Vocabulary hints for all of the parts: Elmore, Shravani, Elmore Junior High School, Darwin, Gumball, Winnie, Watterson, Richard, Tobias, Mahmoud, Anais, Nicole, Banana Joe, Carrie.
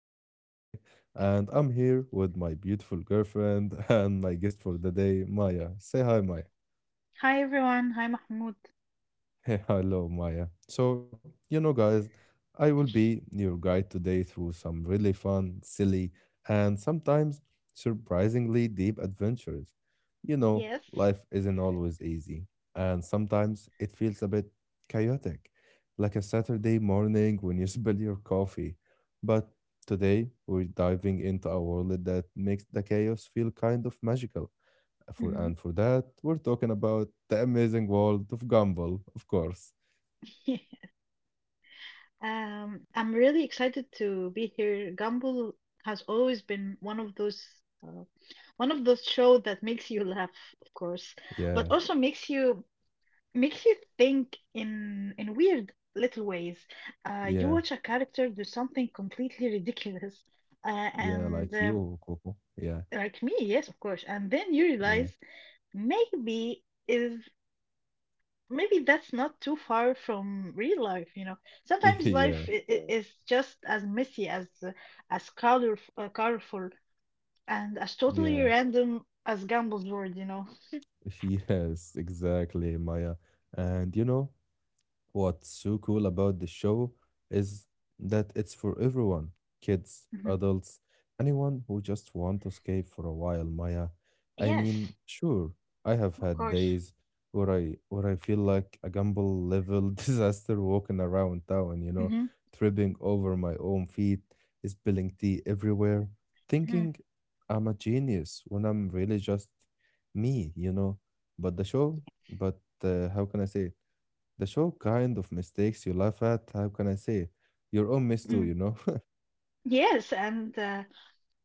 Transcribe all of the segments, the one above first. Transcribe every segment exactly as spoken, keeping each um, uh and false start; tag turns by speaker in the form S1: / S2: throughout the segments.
S1: host for today, and I'm here with my beautiful girlfriend and my guest for the day, Maya. Say hi, Maya.
S2: Hi everyone. Hi Mahmoud.
S1: Hello, Maya. So, you know, guys, I will be your guide today through some really fun, silly, and sometimes surprisingly deep adventures. You know,
S2: Yes.
S1: life isn't always easy, and sometimes it feels a bit chaotic, like a Saturday morning when you spill your coffee. But today, we're diving into a world that makes the chaos feel kind of magical. For,
S2: Mhm.
S1: and for that, we're talking about the amazing world of Gumball, of course.
S2: Um, I'm really excited to be here. Gumball has always been one of those uh, one of those show that makes you laugh, of course, but
S1: Yeah,
S2: also makes you makes you think in in weird little ways. Uh, you
S1: yeah,
S2: watch a character do something completely ridiculous, uh,
S1: yeah,
S2: and
S1: like
S2: uh,
S1: you, Coco. Yeah,
S2: like me, yes, of course, and then you
S1: yeah,
S2: realize maybe. Is. Maybe that's not too far from real life, you know, sometimes life
S1: yeah,
S2: i- i- Yeah. Is just as messy as uh, as color uh, colorful and as totally
S1: yeah.
S2: random as Gumball's world, you know.
S1: Yes, exactly, Maya. And you know, what's so cool about the show is that it's for everyone, kids,
S2: Mhm.
S1: adults, anyone who just want to escape for a while, Maya. I
S2: Yes
S1: mean, sure, I have
S2: of
S1: had
S2: course.
S1: days where I where I feel like a gamble level disaster walking around town, you know,
S2: Hmm.
S1: tripping over my own feet, spilling tea everywhere,
S2: Hmm.
S1: thinking I'm a genius when I'm really just me, you know. But the show, but uh, How can I say it? The show kind of mistakes you laugh at. How can I say it? Your own miss too,
S2: Mm.
S1: you know?
S2: yes and uh,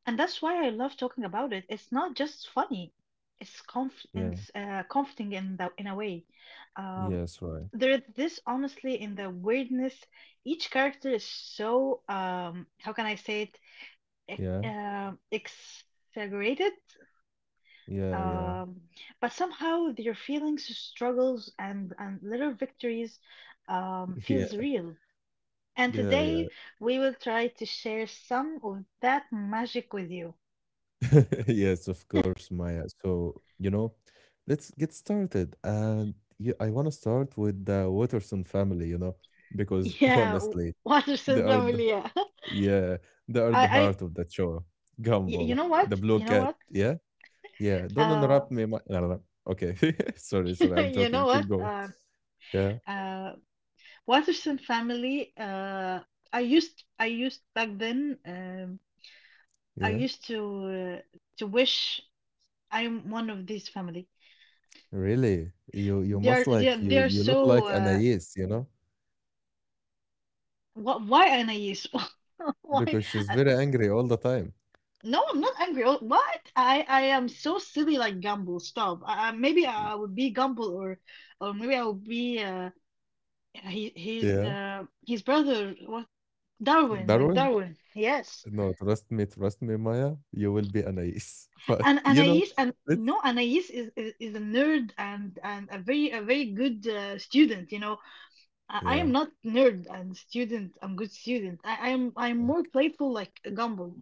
S2: And that's why I love talking about it. It's not just funny. It's comf-
S1: Yeah.
S2: it's, uh, comforting in the in a way. Um,
S1: Yes, right.
S2: there is this honestly in the weirdness. Each character is so, um how can I say it ex-
S1: Yeah.
S2: um exaggerated,
S1: Yeah, yeah.
S2: um, but somehow their feelings, struggles, and and little victories um
S1: Yeah.
S2: feels real. And
S1: Yeah, yeah.
S2: today we will try to share some of that magic with you.
S1: Yes, of course, Maya. So, you know, let's get started. And yeah, I want to start with the Watterson family, you know, because
S2: Yeah, w-
S1: honestly, they
S2: Watterson
S1: are the,
S2: family. Yeah.
S1: yeah, they are
S2: I,
S1: the
S2: I,
S1: heart of the show.
S2: y- you
S1: Gumball,
S2: know
S1: the
S2: what?
S1: blue
S2: You know
S1: cat,
S2: what?
S1: yeah? Yeah. Don't
S2: Uh,
S1: interrupt me. Ma- no, no, no. Okay. Sorry, sorry. I'm
S2: you know
S1: joking.
S2: what?
S1: Keep going.
S2: Uh,
S1: Yeah.
S2: uh, Watterson family. Uh, I used, I used back then. Um,
S1: Yeah,
S2: I used to uh, to wish I'm one of these family.
S1: really? You you
S2: They are,
S1: must
S2: they are,
S1: like
S2: they
S1: you
S2: are
S1: you look
S2: so.
S1: like
S2: Uh,
S1: Anais, you know?
S2: what? Why Anais? Why?
S1: Because she's
S2: Uh,
S1: very angry all the time.
S2: no, I'm not angry. Oh, what? I, I am so silly like Gumball. Stop. I, I- maybe
S1: Y-
S2: I would be Gumball, or or maybe I'll be uh, yeah, he he's
S1: Yeah.
S2: uh his brother was Darwin. Like
S1: Darwin?
S2: Darwin, yes.
S1: No, trust me, trust me, Maya, you will be Anais. But
S2: And
S1: you know,
S2: Anais, and
S1: it's
S2: no, Anais is, is is a nerd, and and a very a very good uh, student, you know. I, I am
S1: yeah,
S2: not nerd and student. I'm good student. I I am I'm more playful, like a Gumball.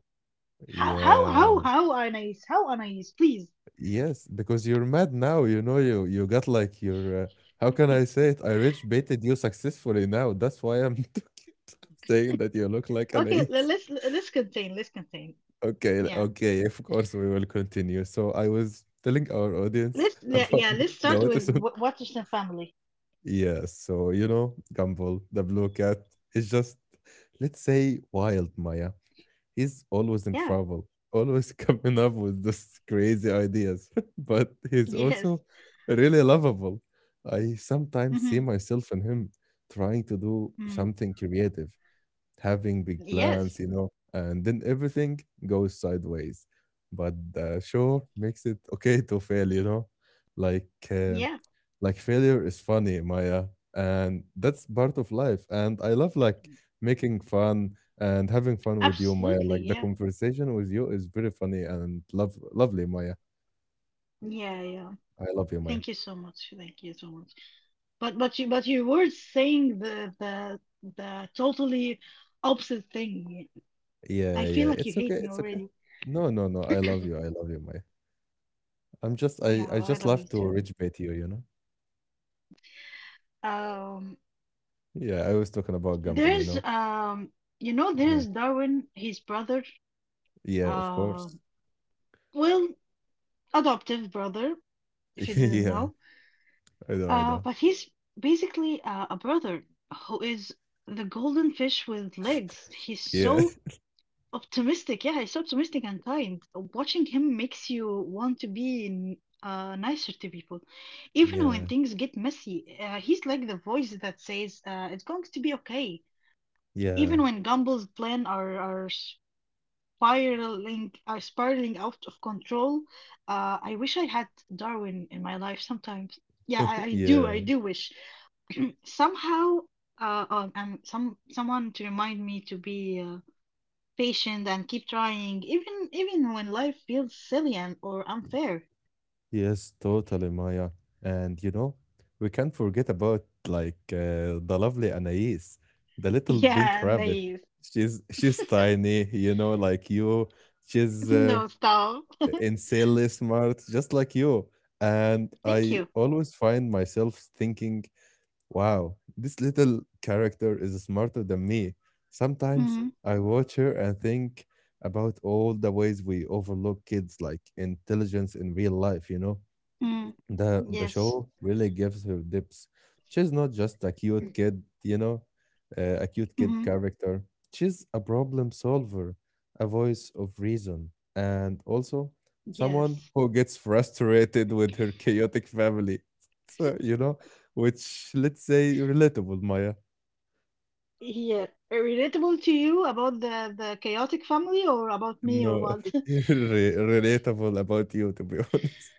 S2: how how how
S1: yeah.
S2: how Anais how Anais, please.
S1: Yes, because you're mad now, you know, you you got like your uh, how can I say it? I rich baited you successfully now. That's why I'm talking, I'm saying that you look like
S2: Okay,
S1: Anais.
S2: le- let's let's contain let's contain
S1: Okay,
S2: yeah,
S1: okay, of course we will continue. So I was telling our audience
S2: let's, yeah,
S1: about
S2: yeah, let's
S1: the
S2: start
S1: water
S2: with
S1: song.
S2: Wa- Watterson family.
S1: Yeah, so you know, Gumball, the blue cat, is just, let's say, wild, Maya. He's always in
S2: Yeah.
S1: trouble, always coming up with these crazy ideas, but he's
S2: Yes.
S1: also really lovable. I
S2: mm
S1: sometimes
S2: hmm
S1: see myself in him trying to do
S2: mm.
S1: something creative, having big plans,
S2: Yes.
S1: you know, and then everything goes sideways. But the show makes it okay to fail, you know, like uh,
S2: Yeah.
S1: like failure is funny, Maya, and that's part of life. And I love like making fun and having fun with you, Maya.
S2: Absolutely,
S1: Like the
S2: yeah.
S1: conversation with you is very funny and love lovely, Maya.
S2: Yeah, yeah.
S1: I love you, Maya.
S2: Thank you so much. Thank you so much. But but you but you were saying the the the totally opposite thing. I
S1: Yeah,
S2: feel
S1: yeah,
S2: like you
S1: it's okay,
S2: hate me
S1: it's okay.
S2: already.
S1: No, no, no. I love you. I love you, Maya. I'm just I
S2: Yeah,
S1: I
S2: I
S1: just
S2: love
S1: love
S2: you
S1: to
S2: too.
S1: reach bait you, you know.
S2: Um,
S1: Yeah, I was talking about gamble, you
S2: there's
S1: know?
S2: um, you know,
S1: Yeah.
S2: there's Darwin, his brother,
S1: Yeah, of
S2: uh,
S1: course.
S2: well, adoptive brother, if you didn't
S1: Yeah,
S2: know.
S1: I know, I
S2: Uh,
S1: know.
S2: but he's basically uh, a brother who is the golden fish with legs. He's
S1: Yeah.
S2: so optimistic, yeah, he's so optimistic and kind. So watching him makes you want to be n- uh, nicer to people, even when
S1: Yeah.
S2: things get messy. Uh, he's like the voice that says, uh, it's going to be okay, even
S1: Yeah.
S2: when Gumball's plan are are spiraling are spiraling out of control. Uh, I wish I had Darwin in my life sometimes. Yeah, I, I do, I
S1: Yeah.
S2: do wish somehow uh, uh, and some someone to remind me to be. Uh, patient and keep trying, even even when life feels silly and or unfair.
S1: Yes, totally, Maya. And you know, we can't forget about like uh, the lovely Anais, the little pink
S2: Yeah,
S1: rabbit.
S2: nice.
S1: She's she's tiny, you know, like you. She's uh,
S2: No, stop.
S1: insanely smart, just like you. And
S2: Thank
S1: I
S2: you.
S1: always find myself thinking, wow, this little character is smarter than me. Sometimes
S2: Mm-hmm.
S1: I watch her and think about all the ways we overlook kids like intelligence in real life, you know?
S2: Mm.
S1: the the
S2: Yes.
S1: show really gives her depth. She's not just a cute kid, you know, uh, a cute kid
S2: Mm-hmm.
S1: character. She's a problem solver, a voice of reason, and also someone
S2: Yes.
S1: who gets frustrated with her chaotic family. So, you know, which let's say relatable, Maya.
S2: Yeah. Relatable to you about the the chaotic family, or about me, or
S1: No,
S2: what?
S1: re- relatable about you, to be honest.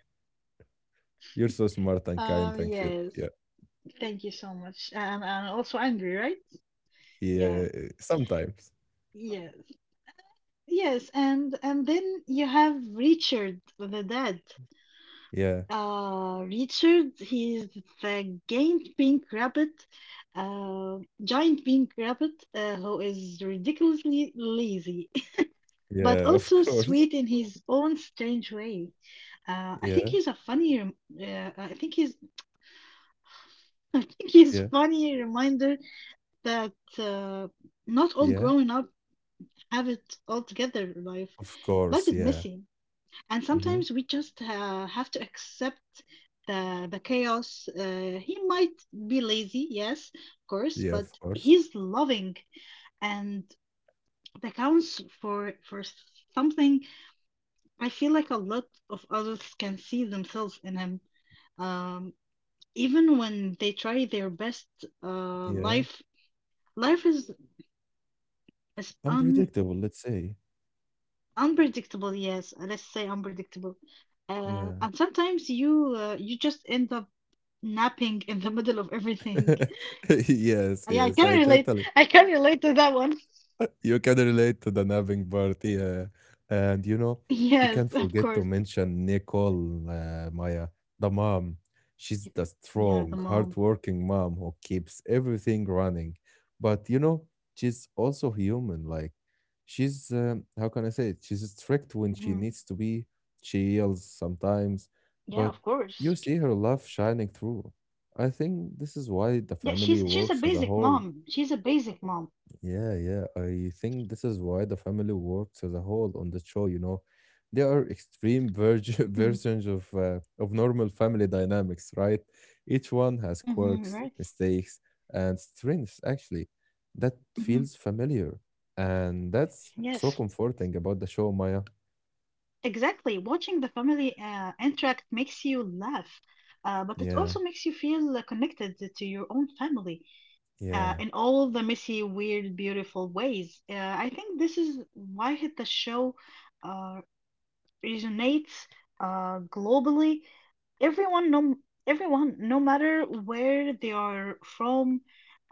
S1: You're so smart and kind
S2: Um.
S1: and cute.
S2: Yes.
S1: Yeah,
S2: Thank you so much. And and also angry, right? Yeah.
S1: yeah. Sometimes.
S2: Yes. Yes. And and then you have Richard, the dad.
S1: Yeah,
S2: Uh, Richard, he's the giant pink rabbit, uh, giant pink rabbit, uh, who is ridiculously lazy, but
S1: yeah. Of
S2: also
S1: course.
S2: sweet in his own strange way. Uh, I think
S1: Yeah,
S2: he's a funny, rem- uh, I think he's, I think he's
S1: yeah,
S2: funny reminder that uh, not all
S1: yeah.
S2: growing up have it all together. Life,
S1: Of
S2: life
S1: course,
S2: is
S1: yeah.
S2: messy, and
S1: Hmm.
S2: sometimes we just uh, have to accept the the chaos. Uh, he might be lazy, yes, of course,
S1: Yeah,
S2: but
S1: of course.
S2: he's loving, and that counts for for something. I feel like a lot of others can see themselves in him, um even when they try their best. uh
S1: Yeah.
S2: life Life is is un.
S1: Unpredictable, let's say.
S2: Unpredictable, yes. Uh, let's say unpredictable. Uh,
S1: Yeah.
S2: and sometimes you uh, you just end up napping in the middle of everything.
S1: Yes,
S2: Yeah, I
S1: yes.
S2: can
S1: I
S2: relate.
S1: totally
S2: I can relate to that one.
S1: you can relate to the napping party, uh, and you know we
S2: Yes,
S1: can't
S2: of
S1: forget to
S2: course.
S1: mention Nicole, uh, Maya, the mom.
S2: Y-
S1: She's the
S2: Yeah, the
S1: strong,
S2: mom.
S1: hardworking mom who keeps everything running. But you know, she's also human. Like she's um, how can I say it? She's strict when she
S2: Mhm.
S1: needs to be. She yells sometimes,
S2: Yeah,
S1: but
S2: of
S1: you
S2: course.
S1: see her love shining through. I think this is why the
S2: Yeah,
S1: family
S2: she's she's a
S1: works as a
S2: basic
S1: whole.
S2: mom. She's a basic mom.
S1: Yeah, yeah. I think this is why the family works as a whole on the show, you know. They are extreme verge-
S2: Hmm.
S1: versions of uh, of normal family dynamics, right? Each one has
S2: Hmm,
S1: quirks,
S2: right.
S1: mistakes, and strengths actually. That
S2: Hmm.
S1: feels familiar. And that's so
S2: Yes,
S1: comforting about the show, Maya.
S2: exactly. Watching the family uh, interact makes you laugh, uh, but it
S1: Yeah,
S2: also makes you feel uh, connected to your own family, uh,
S1: yeah,
S2: in all the messy, weird, beautiful ways. Uh, I think this is why hit the show uh, resonates uh, globally. Everyone, no, everyone, no matter where they are from,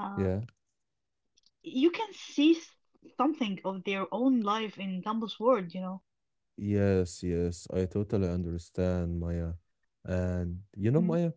S2: uh,
S1: yeah.
S2: you can see s- something of their own life in Dumble's world. You know.
S1: Yes, yes. I totally understand, Maya. And you know,
S2: Hmm.
S1: Maya?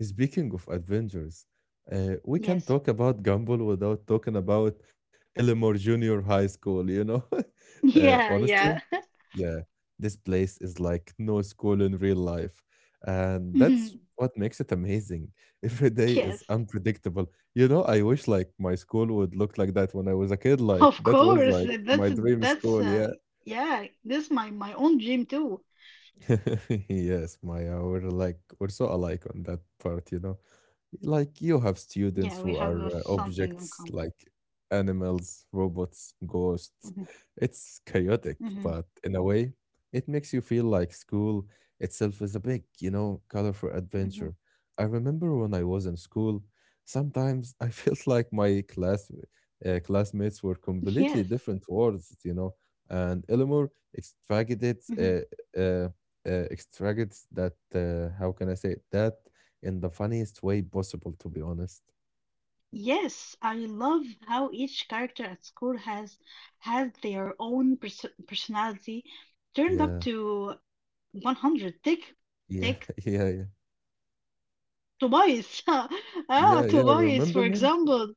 S1: Speaking of adventures, uh, we can
S2: Yes.
S1: talk about Gumball without talking about Elmore Junior High School, you know? Uh,
S2: Yeah.
S1: honestly,
S2: Yeah.
S1: yeah, this place is like no school in real life. And that's
S2: Mhm.
S1: what makes it amazing. Every day is
S2: Yes.
S1: unpredictable. You know, I wish like my school would look like that when I was a kid. Like
S2: Of
S1: that was
S2: course.
S1: like
S2: uh,
S1: my
S2: That's
S1: dream
S2: that's
S1: school,
S2: uh,
S1: yeah.
S2: yeah. This is my my own dream too.
S1: Yes, Maya, we're like we're so alike on that part, you know. Like you have students
S2: Yeah, we
S1: who
S2: have uh,
S1: are uh,
S2: something in
S1: objects
S2: common.
S1: like animals, robots, ghosts.
S2: Mhm,
S1: It's chaotic,
S2: mhm,
S1: but in a way, it makes you feel like school itself is a big, you know, colorful
S2: mhm.
S1: adventure. I remember when I was in school, sometimes I felt like my class uh, classmates were completely
S2: Yes.
S1: different worlds, you know, and Elmore extracted
S2: Mhm.
S1: uh, uh, uh, extracted that uh, how can I say it? That in the funniest way possible, to be honest.
S2: Yes, I love how each character at school has has their own pers personality turned up
S1: Yeah,
S2: to one hundred. Take
S1: yeah,
S2: take
S1: yeah, yeah,
S2: Tobias. Ah,
S1: yeah, yeah.
S2: Tobias,
S1: Remember
S2: for
S1: him?
S2: example,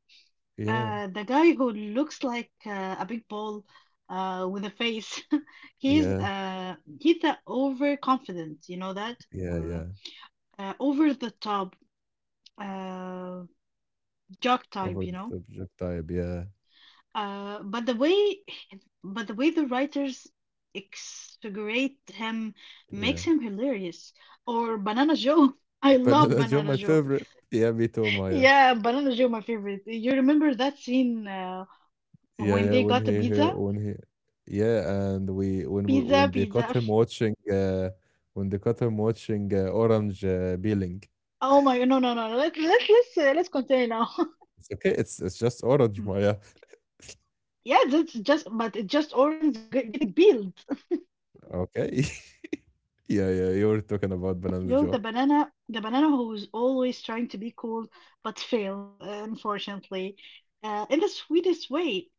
S1: Yeah,
S2: uh, the guy who looks like uh, a big ball uh, with a face. He's
S1: yeah,
S2: uh he's the overconfident, you know that?
S1: yeah,
S2: Uh,
S1: yeah.
S2: uh, Over the top, uh, jock type,
S1: Over
S2: you
S1: the
S2: know.
S1: top joke type. Yeah,
S2: Uh, but the way, but the way the writers exaggerate him
S1: yeah.
S2: makes him hilarious. Or Banana Joe. I love
S1: Banana Joe,
S2: Banana
S1: my
S2: Joe.
S1: favorite. Yeah, me too, Maya.
S2: Yeah, Banana Joe, my favorite. You remember that scene, uh,
S1: Yeah,
S2: when
S1: yeah.
S2: they
S1: When
S2: got a
S1: he, he
S2: pizza?
S1: when he, yeah, and we when we
S2: Pizza,
S1: when they
S2: pizza.
S1: caught him watching, uh, when they caught him watching uh, Orange uh, Peeling.
S2: Oh my, no, no, no. no. Let's let's let's uh, let's continue now.
S1: It's okay. It's it's just Orange, Maya.
S2: Yeah, that's just, but it's just Orange g- getting peeled.
S1: Okay. Yeah, yeah, you were talking
S2: Uh,
S1: about
S2: Banana
S1: Banana
S2: Joe,
S1: Joe.
S2: the banana, the banana who is always trying to be cool but fails, uh, unfortunately, uh, in the sweetest way.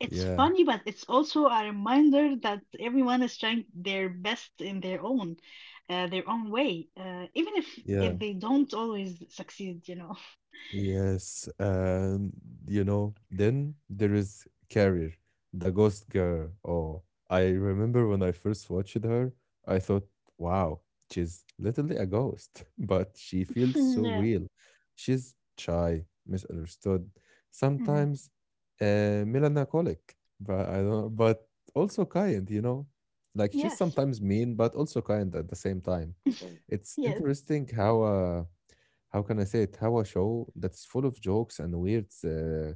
S2: It's
S1: Yeah,
S2: funny, but it's also a reminder that everyone is trying their best in their own, uh, their own way, uh, even if
S1: yeah.
S2: if they don't always succeed, you know.
S1: Yes, and you know, then there is Carrier, the ghost girl. Oh, I remember when I first watched her, I thought, wow, she's literally a ghost, but she feels so
S2: Yeah.
S1: real. She's shy, misunderstood,
S2: Hmm.
S1: sometimes uh, melancholic, but I don't but also kind, you know? Like she's
S2: Yes.
S1: sometimes mean, but also kind at the same time. It's
S2: Yes.
S1: interesting how uh how can I say it? How a show that's full of jokes and weird uh,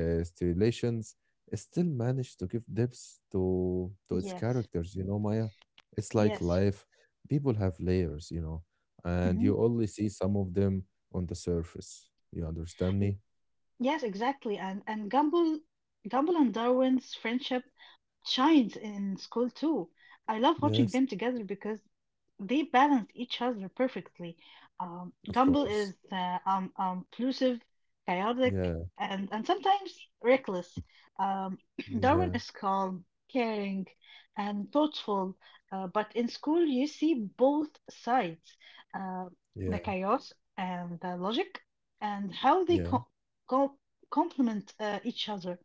S1: uh, stipulations still managed to give depth to to its
S2: Yes.
S1: characters. You know, Maya, it's like
S2: Yes.
S1: life. People have layers, you know, and
S2: Hmm.
S1: you only see some of them on the surface. You understand me?
S2: Yes, exactly. And and Gumball, Gumball and Darwin's friendship shines in school too. I love watching
S1: Yes,
S2: them together because they balance each other perfectly. Um,
S1: of
S2: Gumball
S1: course.
S2: is uh, um, um, elusive, chaotic,
S1: Yeah,
S2: and, and sometimes reckless. Um, Darwin
S1: yeah,
S2: is calm, caring, and thoughtful. Uh, but in school, you see both sides, uh,
S1: yeah,
S2: the chaos and the logic, and how they
S1: yeah,
S2: co- co- complement uh, each other,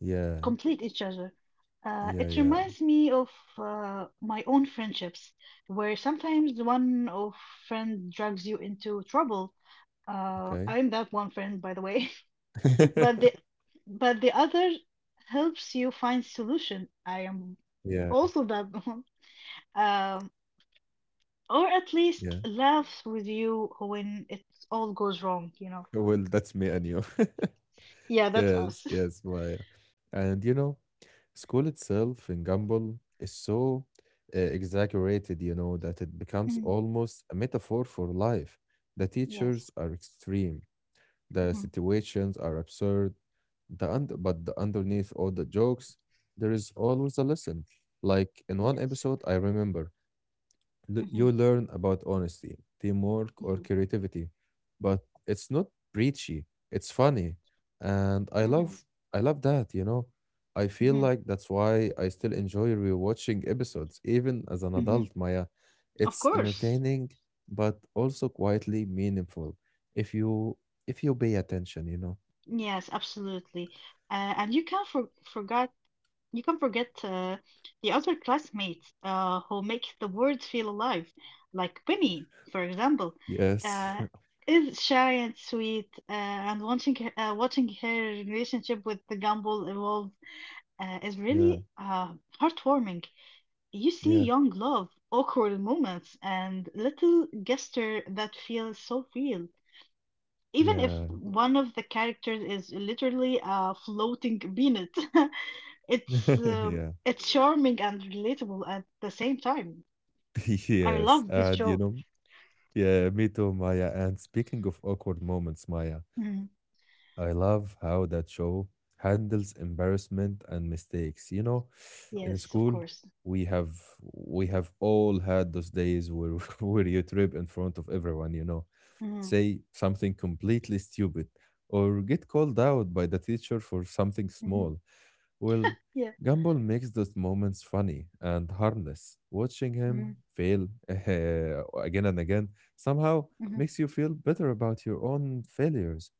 S1: yeah,
S2: complete each other. Uh,
S1: yeah,
S2: it
S1: yeah.
S2: reminds me of uh, my own friendships, where sometimes one of friend drags you into trouble. Uh,
S1: Okay.
S2: I'm that one friend, by the way. but the but the other helps you find solution. I am
S1: Yeah,
S2: also that one, um, or at least
S1: yeah.
S2: laughs with you when it all goes wrong. You know.
S1: Well, that's me and you.
S2: Yeah, that's
S1: Yes,
S2: us.
S1: yes, Maya. And you know, school itself in Gumball is so uh, exaggerated, you know, that it becomes
S2: Mm,
S1: almost a metaphor for life. The
S2: yes.
S1: teachers are extreme, the
S2: Hmm.
S1: situations are absurd, the und but the underneath all the jokes, there is always a lesson. Like in one
S2: Yes.
S1: episode, I remember l-
S2: Hmm.
S1: you learn about honesty, teamwork, or
S2: Hmm.
S1: creativity, but it's not preachy. It's funny, and I
S2: Hmm.
S1: love I love that. You know, I feel
S2: Hmm.
S1: like that's why I still enjoy rewatching episodes even as an
S2: Hmm.
S1: adult. Maya,
S2: Of
S1: it's
S2: course.
S1: entertaining, but also quietly meaningful if you if you pay attention. You know.
S2: Yes, absolutely. Uh, and you can't for forget you can't forget uh, the other classmates uh, who make the world feel alive, like Winnie, for example,
S1: Yes.
S2: uh, is shy and sweet, uh, and watching her, uh, watching her relationship with the Gumball evolve uh, is
S1: Yeah.
S2: really uh, heartwarming. You see
S1: Yeah.
S2: young love, awkward moments, and little gesture that feels so real. Even if
S1: Yeah.
S2: one of the characters is literally a floating peanut, it's uh,
S1: yeah.
S2: it's charming and relatable at the same time. I
S1: Yes.
S2: love this
S1: And you
S2: show.
S1: know. Yeah, me too, Maya. And speaking of awkward moments, Maya,
S2: Mm,
S1: I love how that show handles embarrassment and mistakes. You know, in
S2: yes, of
S1: school,
S2: course.
S1: we have we have all had those days where where you trip in front of everyone, you know,
S2: Mm,
S1: say something completely stupid or get called out by the teacher for something
S2: mhm.
S1: small. Well,
S2: Yeah.
S1: Gumball makes those moments funny and harmless. Watching
S2: Mm,
S1: him fail again and again somehow
S2: mhm,
S1: makes you feel better about your own failures.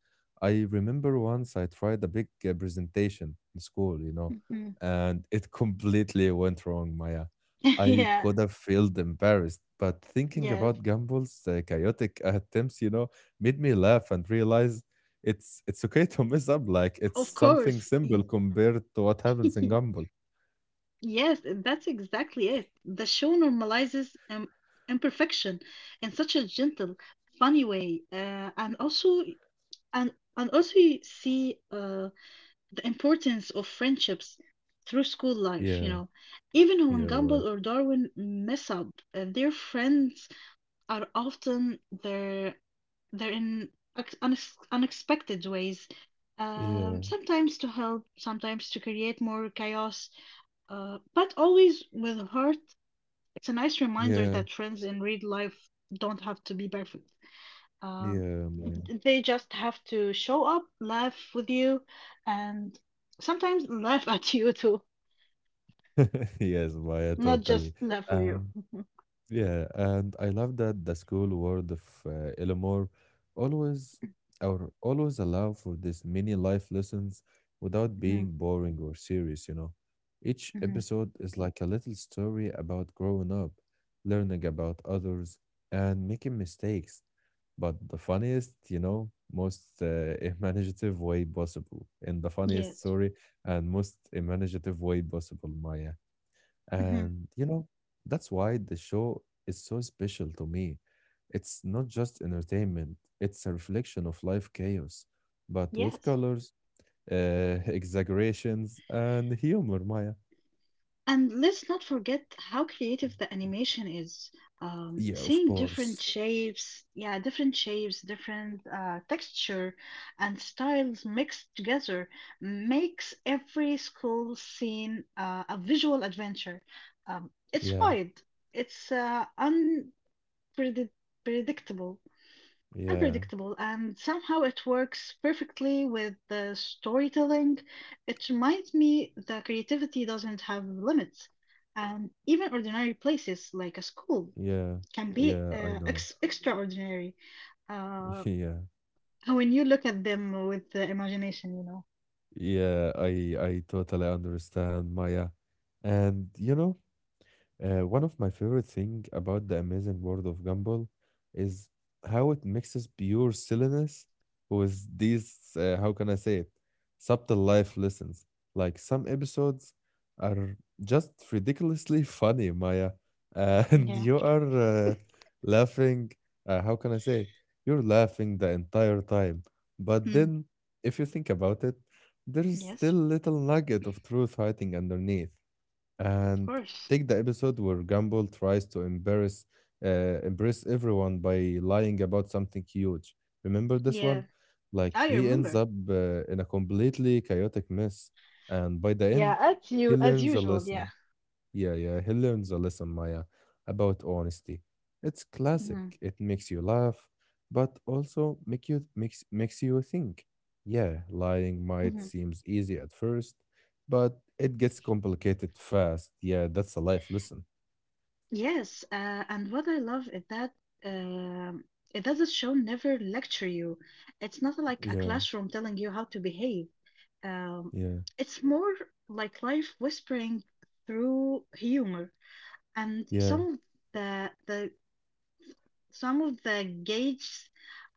S1: I remember once I tried a big uh, presentation in school, you know,
S2: mhm.
S1: and it completely went wrong, Maya. I
S2: Yeah.
S1: could have felt embarrassed, but thinking
S2: Yes,
S1: about Gumball's uh, chaotic attempts, you know, made me laugh and realize it's it's okay to mess up, like, it's
S2: of
S1: something
S2: course.
S1: simple
S2: Y-
S1: compared to what happens in Gumball.
S2: Yes, that's exactly it. The show normalizes um, imperfection in such a gentle, funny way, uh, and also And and also you see uh, the importance of friendships through school life, you
S1: Yeah,
S2: know. Even
S1: yeah,
S2: when
S1: right.
S2: Gumball or Darwin mess up, uh, their friends are often there, they're in ex- unex unexpected ways.
S1: Yeah,
S2: Um, sometimes to help, sometimes to create more chaos, uh, but always with heart. It's a nice reminder
S1: yeah,
S2: that friends in real life don't have to be perfect. Um,
S1: yeah, Maya.
S2: they just have to show up, laugh with you, and sometimes laugh at you too,
S1: Yes, Maya,
S2: not
S1: totally.
S2: just laugh with
S1: Uh,
S2: you.
S1: yeah, and I love that the school world of uh, Elmore always or always allow for these mini life lessons without
S2: Mhm,
S1: being boring or serious, you know. Each
S2: mhm, mhm.
S1: episode is like a little story about growing up, learning about others, and making mistakes, but the funniest, you know, most uh, imaginative way possible, in the funniest,
S2: Yes.
S1: sorry, and most imaginative way possible, Maya.
S2: Hmm.
S1: And, you know, that's why the show is so special to me. It's not just entertainment, it's a reflection of life chaos, but with
S2: Yes.
S1: colors, uh, exaggerations, and humor, Maya.
S2: And let's not forget how creative the animation is. Um,
S1: Yeah, of
S2: seeing different
S1: course.
S2: shapes, yeah, different shapes, different uh, texture, and styles mixed together makes every school scene uh, a visual adventure. Um, it's
S1: Yeah,
S2: wide, it's uh, unpredictable,
S1: yeah,
S2: unpredictable, and somehow it works perfectly with the storytelling. It reminds me that creativity doesn't have limits, and even ordinary places like a school
S1: yeah,
S2: can be
S1: yeah, I
S2: uh,
S1: know.
S2: ex- extraordinary uh,
S1: Yeah,
S2: when you look at them with the imagination, you know.
S1: yeah, I I totally understand, Maya. And you know, Uh, one of my favorite thing about the amazing world of Gumball is how it mixes pure silliness with these, uh, how can I say it, subtle life lessons. Like some episodes are just ridiculously funny, Maya, uh, and
S2: Yeah.
S1: you are uh, laughing. Uh, how can I say it? You're laughing the entire time. But
S2: Mm.
S1: then, if you think about it, there's
S2: Yes,
S1: still little nugget of truth hiding underneath,
S2: of
S1: and
S2: course.
S1: take the episode where Gumball tries to embarrass uh, impress everyone by lying about something huge. Remember this
S2: Yeah,
S1: one? Like
S2: I
S1: he ends
S2: remember.
S1: up uh, in a completely chaotic mess, and by the
S2: Yeah,
S1: end,
S2: as
S1: he
S2: you as
S1: learns a
S2: usual,
S1: lesson.
S2: yeah.
S1: Yeah, yeah, he learns a lesson, Maya, about honesty. It's classic.
S2: Mhm.
S1: It makes you laugh, but also make you makes makes you think. Yeah, lying might
S2: Mhm.
S1: seems easy at first, but it gets complicated fast. Yeah, that's a life lesson.
S2: Yes, uh, and what I love is that um it does the show never lecture you. It's not like a
S1: Yeah,
S2: classroom telling you how to behave. Um,
S1: yeah,
S2: it's more like life whispering through humor. And
S1: yeah,
S2: some of the the some of the gags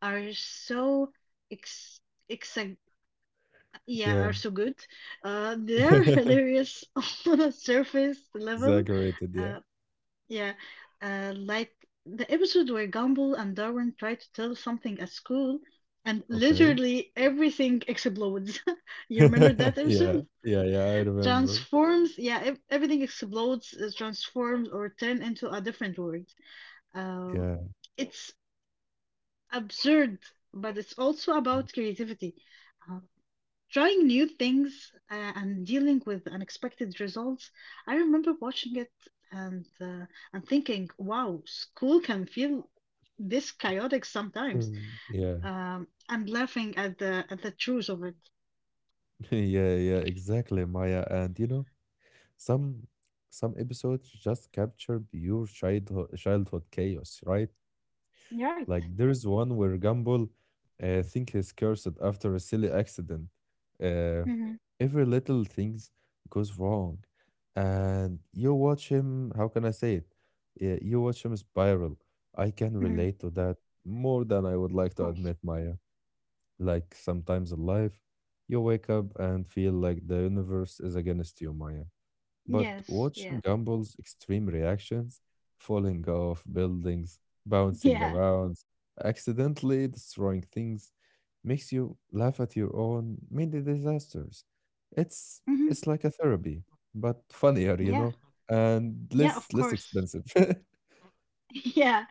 S2: are so ex, ex uh, yeah
S1: yeah.
S2: are so good. Uh, they're hilarious on a surface level.
S1: Exaggerated, yeah.
S2: Uh, yeah, uh, like the episode where Gumball and Darwin try to tell something at school, and
S1: Okay.
S2: literally everything explodes. You remember that episode? Yeah.
S1: Yeah, yeah, yeah, I remember.
S2: Transforms, yeah, ev everything explodes, uh, transforms, or turn into a different world. Um,
S1: Yeah.
S2: it's absurd, but it's also about creativity. Um, Trying new things uh, and dealing with unexpected results. I remember watching it and uh, and thinking, "Wow, school can feel this chaotic sometimes,"
S1: Mm. Yeah,
S2: um, and laughing at the at the truth of it.
S1: yeah, yeah, exactly, Maya. And you know, Some some episodes just capture pure childhood childhood chaos, right?
S2: Right.
S1: Like there's one where Gumball uh, think he's cursed after a silly accident. Uh,
S2: hmm
S1: every little things goes wrong, and you watch him. How can I say it? Yeah, you watch him spiral. I can
S2: hmm
S1: relate to that more than I would
S2: Of
S1: like to
S2: course.
S1: admit, Maya. Like sometimes in life, you wake up and feel like the universe is against you, Maya. But
S2: Yes.
S1: watching
S2: Yeah.
S1: Gumball's extreme reactions, falling off buildings, bouncing
S2: Yeah.
S1: around, accidentally destroying things, makes you laugh at your own mini disasters. It's
S2: hmm
S1: it's like a therapy, but funnier,
S2: But
S1: you
S2: yeah.
S1: know, and
S2: Yeah.
S1: less
S2: Of
S1: less
S2: course.
S1: expensive.
S2: Yeah,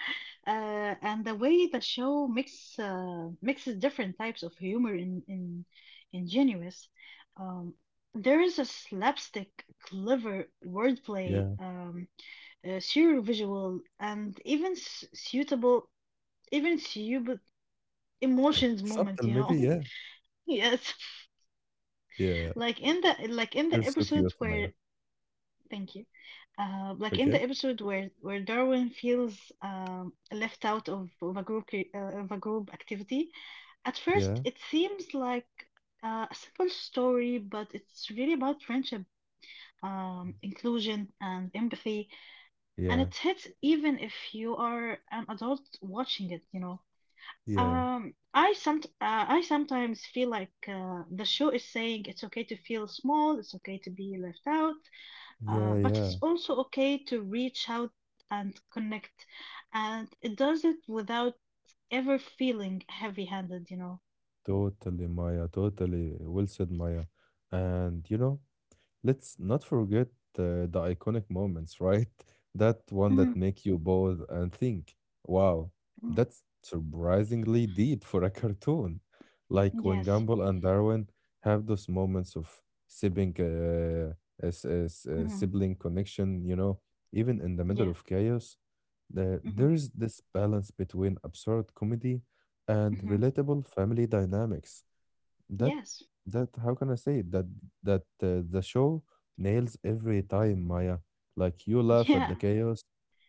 S2: uh, and the way the show mix uh, mixes different types of humor in in ingenuous. Um, there is a slapstick, clever wordplay,
S1: Yeah,
S2: um, uh, surreal visual, and even s- suitable, even suitable emotions moment.
S1: subtle
S2: You
S1: maybe.
S2: know,
S1: Yeah,
S2: yes,
S1: yeah.
S2: like in the like in
S1: You're
S2: the
S1: so
S2: episode
S1: cute, Maya.
S2: where Thank you. Uh, like in
S1: Okay.
S2: the episode where where Darwin feels um, left out of, of a group cre- uh, of a group activity, at first
S1: Yeah,
S2: it seems like uh, a simple story, but it's really about friendship, um, inclusion, and empathy, and
S1: yeah,
S2: it hits even if you are an adult watching it. You know,
S1: yeah,
S2: um, I some uh, I sometimes feel like uh, the show is saying it's okay to feel small, it's okay to be left out, uh,
S1: yeah,
S2: but
S1: yeah.
S2: it's also okay to reach out and connect, and it does it without ever feeling heavy-handed, you know.
S1: Totally, Maya. Totally. Well said, Maya. And you know, let's not forget uh, the iconic moments, right? That one that
S2: Mhm,
S1: make you pause and think, wow,
S2: mhm.
S1: that's surprisingly deep for a cartoon. Like when
S2: Yes.
S1: Gumball and Darwin have those moments of sibling, uh, as, as, uh,
S2: hmm
S1: sibling connection, you know, even in the middle
S2: Yeah.
S1: of chaos, uh,
S2: hmm
S1: there's this balance between absurd comedy and
S2: hmm
S1: relatable family dynamics that
S2: Yes.
S1: that how can I say it? That that uh, the show nails every time, Maya. Like you laugh at
S2: Yeah.
S1: the chaos,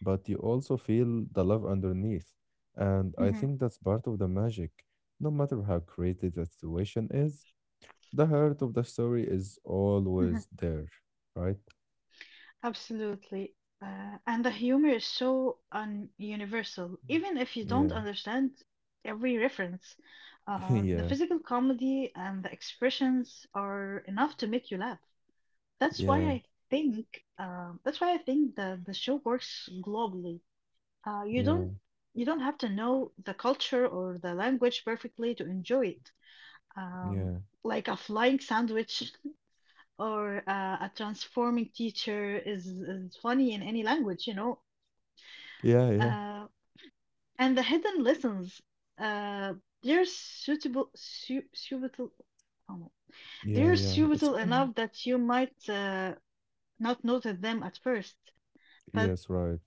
S1: but you also feel the love underneath. And I
S2: hmm
S1: think that's part of the magic. No matter how creative the situation is, the heart of the story is
S2: hmm
S1: always there, right?
S2: Absolutely. Uh, and the humor is so un universal, even if you don't
S1: Yeah,
S2: understand every reference. Uh, the
S1: yeah,
S2: physical comedy and the expressions are enough to make you laugh. That's why
S1: yeah,
S2: I think um, that's why I think the the show works globally. Uh, you
S1: yeah,
S2: don't you don't have to know the culture or the language perfectly to enjoy it. Um,
S1: yeah,
S2: like a flying sandwich or uh, a transforming teacher is, is funny in any language, you know.
S1: yeah, yeah,
S2: Uh, and the hidden lessons, uh, they're suitable, su suitable. Oh my,
S1: yeah,
S2: they're
S1: yeah. It's
S2: suitable
S1: okay, man.
S2: enough that you might uh, not notice them at first but.
S1: Yes, right.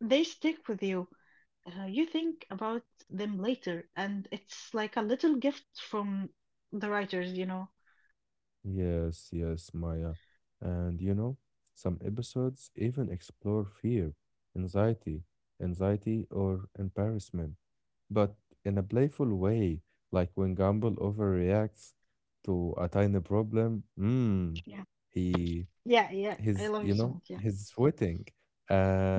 S2: They stick with you. Uh, you think about them later, and it's like a little gift from the writers, you know.
S1: Yes, yes, Maya. And you know, some episodes even explore fear, anxiety, anxiety or embarrassment, but in a playful way, like when Gumball overreacts to a tiny problem. Hmm,
S2: Yeah,
S1: he
S2: yeah, yeah. I
S1: he's,
S2: love
S1: you
S2: you so
S1: know,
S2: much. Yeah,
S1: he's sweating,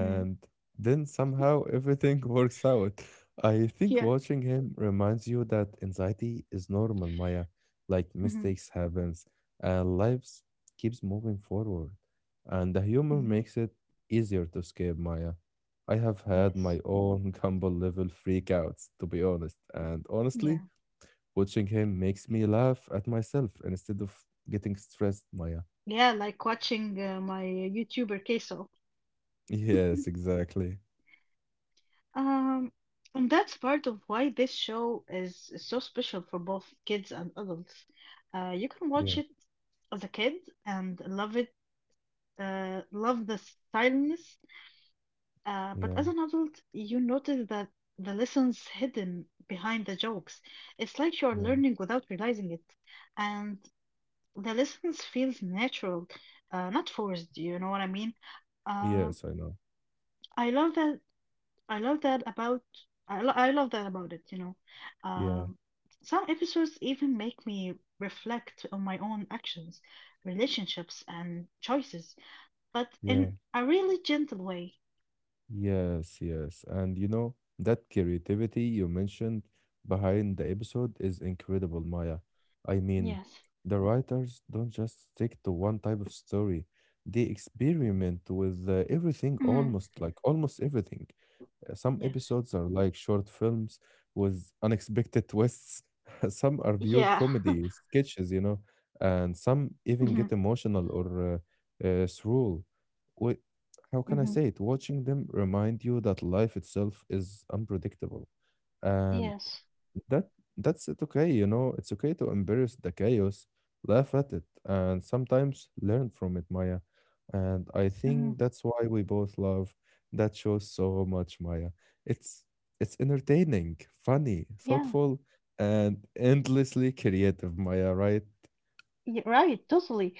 S2: mm.
S1: then somehow everything works out. I think
S2: Yeah.
S1: watching him reminds you that anxiety is normal, Maya. Like
S2: hmm
S1: mistakes happens, and lives keeps moving forward, and the humor
S2: hmm
S1: makes it easier to escape, Maya. I have had my
S2: Yes,
S1: own Gumbo level freakouts, to be honest, and honestly
S2: yeah,
S1: watching him makes me laugh at myself instead of getting stressed, Maya.
S2: yeah. Like watching uh, my YouTuber queso.
S1: Yes, exactly.
S2: Um, and that's part of why this show is so special for both kids and adults. Uh, you can watch
S1: Yeah,
S2: it as a kid and love it. Uh, love the silence. Uh, but
S1: yeah,
S2: as an adult, you notice that the lessons hidden behind the jokes. It's like you're
S1: yeah.
S2: learning without realizing it. And the lessons feels natural, uh, not forced, you know what I mean? Um,
S1: Yes, I know.
S2: I love that I love that about I, lo- I love that about it, you know.
S1: Yeah,
S2: Um, some episodes even make me reflect on my own actions, relationships, and choices, but
S1: yeah,
S2: in a really gentle way.
S1: yes, yes. And you know, that creativity you mentioned behind the episode is incredible, Maya. I mean,
S2: Yes.
S1: the writers don't just stick to one type of story. They experiment with uh, everything,
S2: Mhm.
S1: almost like almost everything. Uh, Some
S2: Yes.
S1: episodes are like short films with unexpected twists. Some are pure
S2: Yeah.
S1: comedy sketches, you know, and some
S2: hmm
S1: even get emotional or uh, uh, surreal. Wait, how
S2: hmm
S1: can I say it? Watching them remind you that life itself is unpredictable, and
S2: Yes.
S1: that that's it okay, you know, it's okay to embrace the chaos, laugh at it, and sometimes learn from it, Maya. And I
S2: hmm
S1: think that's why we both love that show so much, Maya. It's it's entertaining, funny,
S2: Yeah,
S1: thoughtful, and endlessly creative, Maya, right?
S2: yeah, right, totally.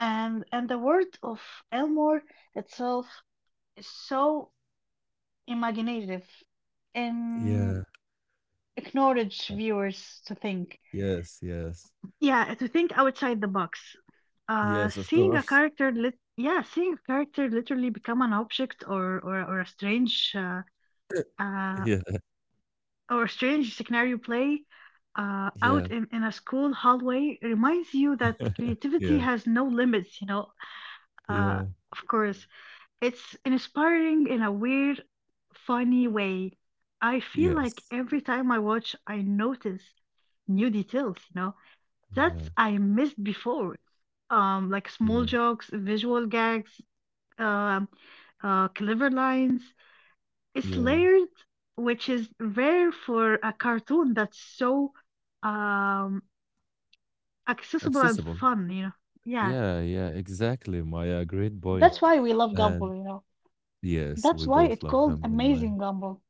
S2: And and the world of Elmore itself is so imaginative and
S1: Yeah.
S2: encourage viewers to think.
S1: Yes, yes.
S2: Yeah, to think outside the box. Uh,
S1: Yes, of
S2: seeing a
S1: course.
S2: character lit yeah, seeing a character literally become an object or or, or a strange uh, uh,
S1: Yeah,
S2: our strange scenario play uh, out
S1: yeah.
S2: in, in a school hallway reminds you that creativity
S1: Yeah,
S2: has no limits, you know. Uh,
S1: yeah,
S2: of course, it's inspiring in a weird, funny way. I feel like
S1: yes.
S2: every time I watch, I notice new details, you know, that
S1: Yeah,
S2: I missed before. Um, like small
S1: yeah,
S2: jokes, visual gags, um, uh, clever lines, it's
S1: yeah.
S2: layered, which is rare for a cartoon that's so um accessible and
S1: Accessible.
S2: fun, you know. Yeah,
S1: Yeah, yeah, exactly, Maya. Great point.
S2: that's Yeah. Why we love
S1: And
S2: Gumball, you know.
S1: yes,
S2: That's
S1: we
S2: why
S1: both
S2: it's
S1: love
S2: called
S1: Gumball, Maya.
S2: Amazing Gumball.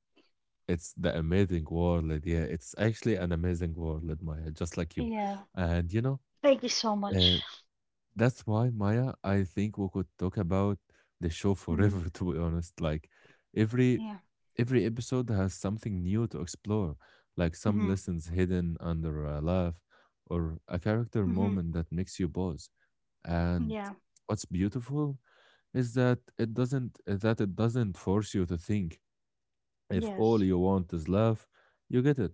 S1: It's the amazing world. Yeah, it's actually an amazing world, Maya, just like you.
S2: Yeah.
S1: And you know,
S2: Thank you so
S1: uh,
S2: much.
S1: that's why, Maya, I think we could talk about the show forever,
S2: Hmm
S1: to be honest. Like every
S2: Yeah.
S1: every episode has something new to explore, like some
S2: hmm
S1: lessons hidden under a laugh or a character
S2: hmm
S1: moment that makes you pause. And
S2: Yeah.
S1: what's beautiful is that it doesn't that it doesn't force you to think. If all
S2: Yes.
S1: you want is love, you get it.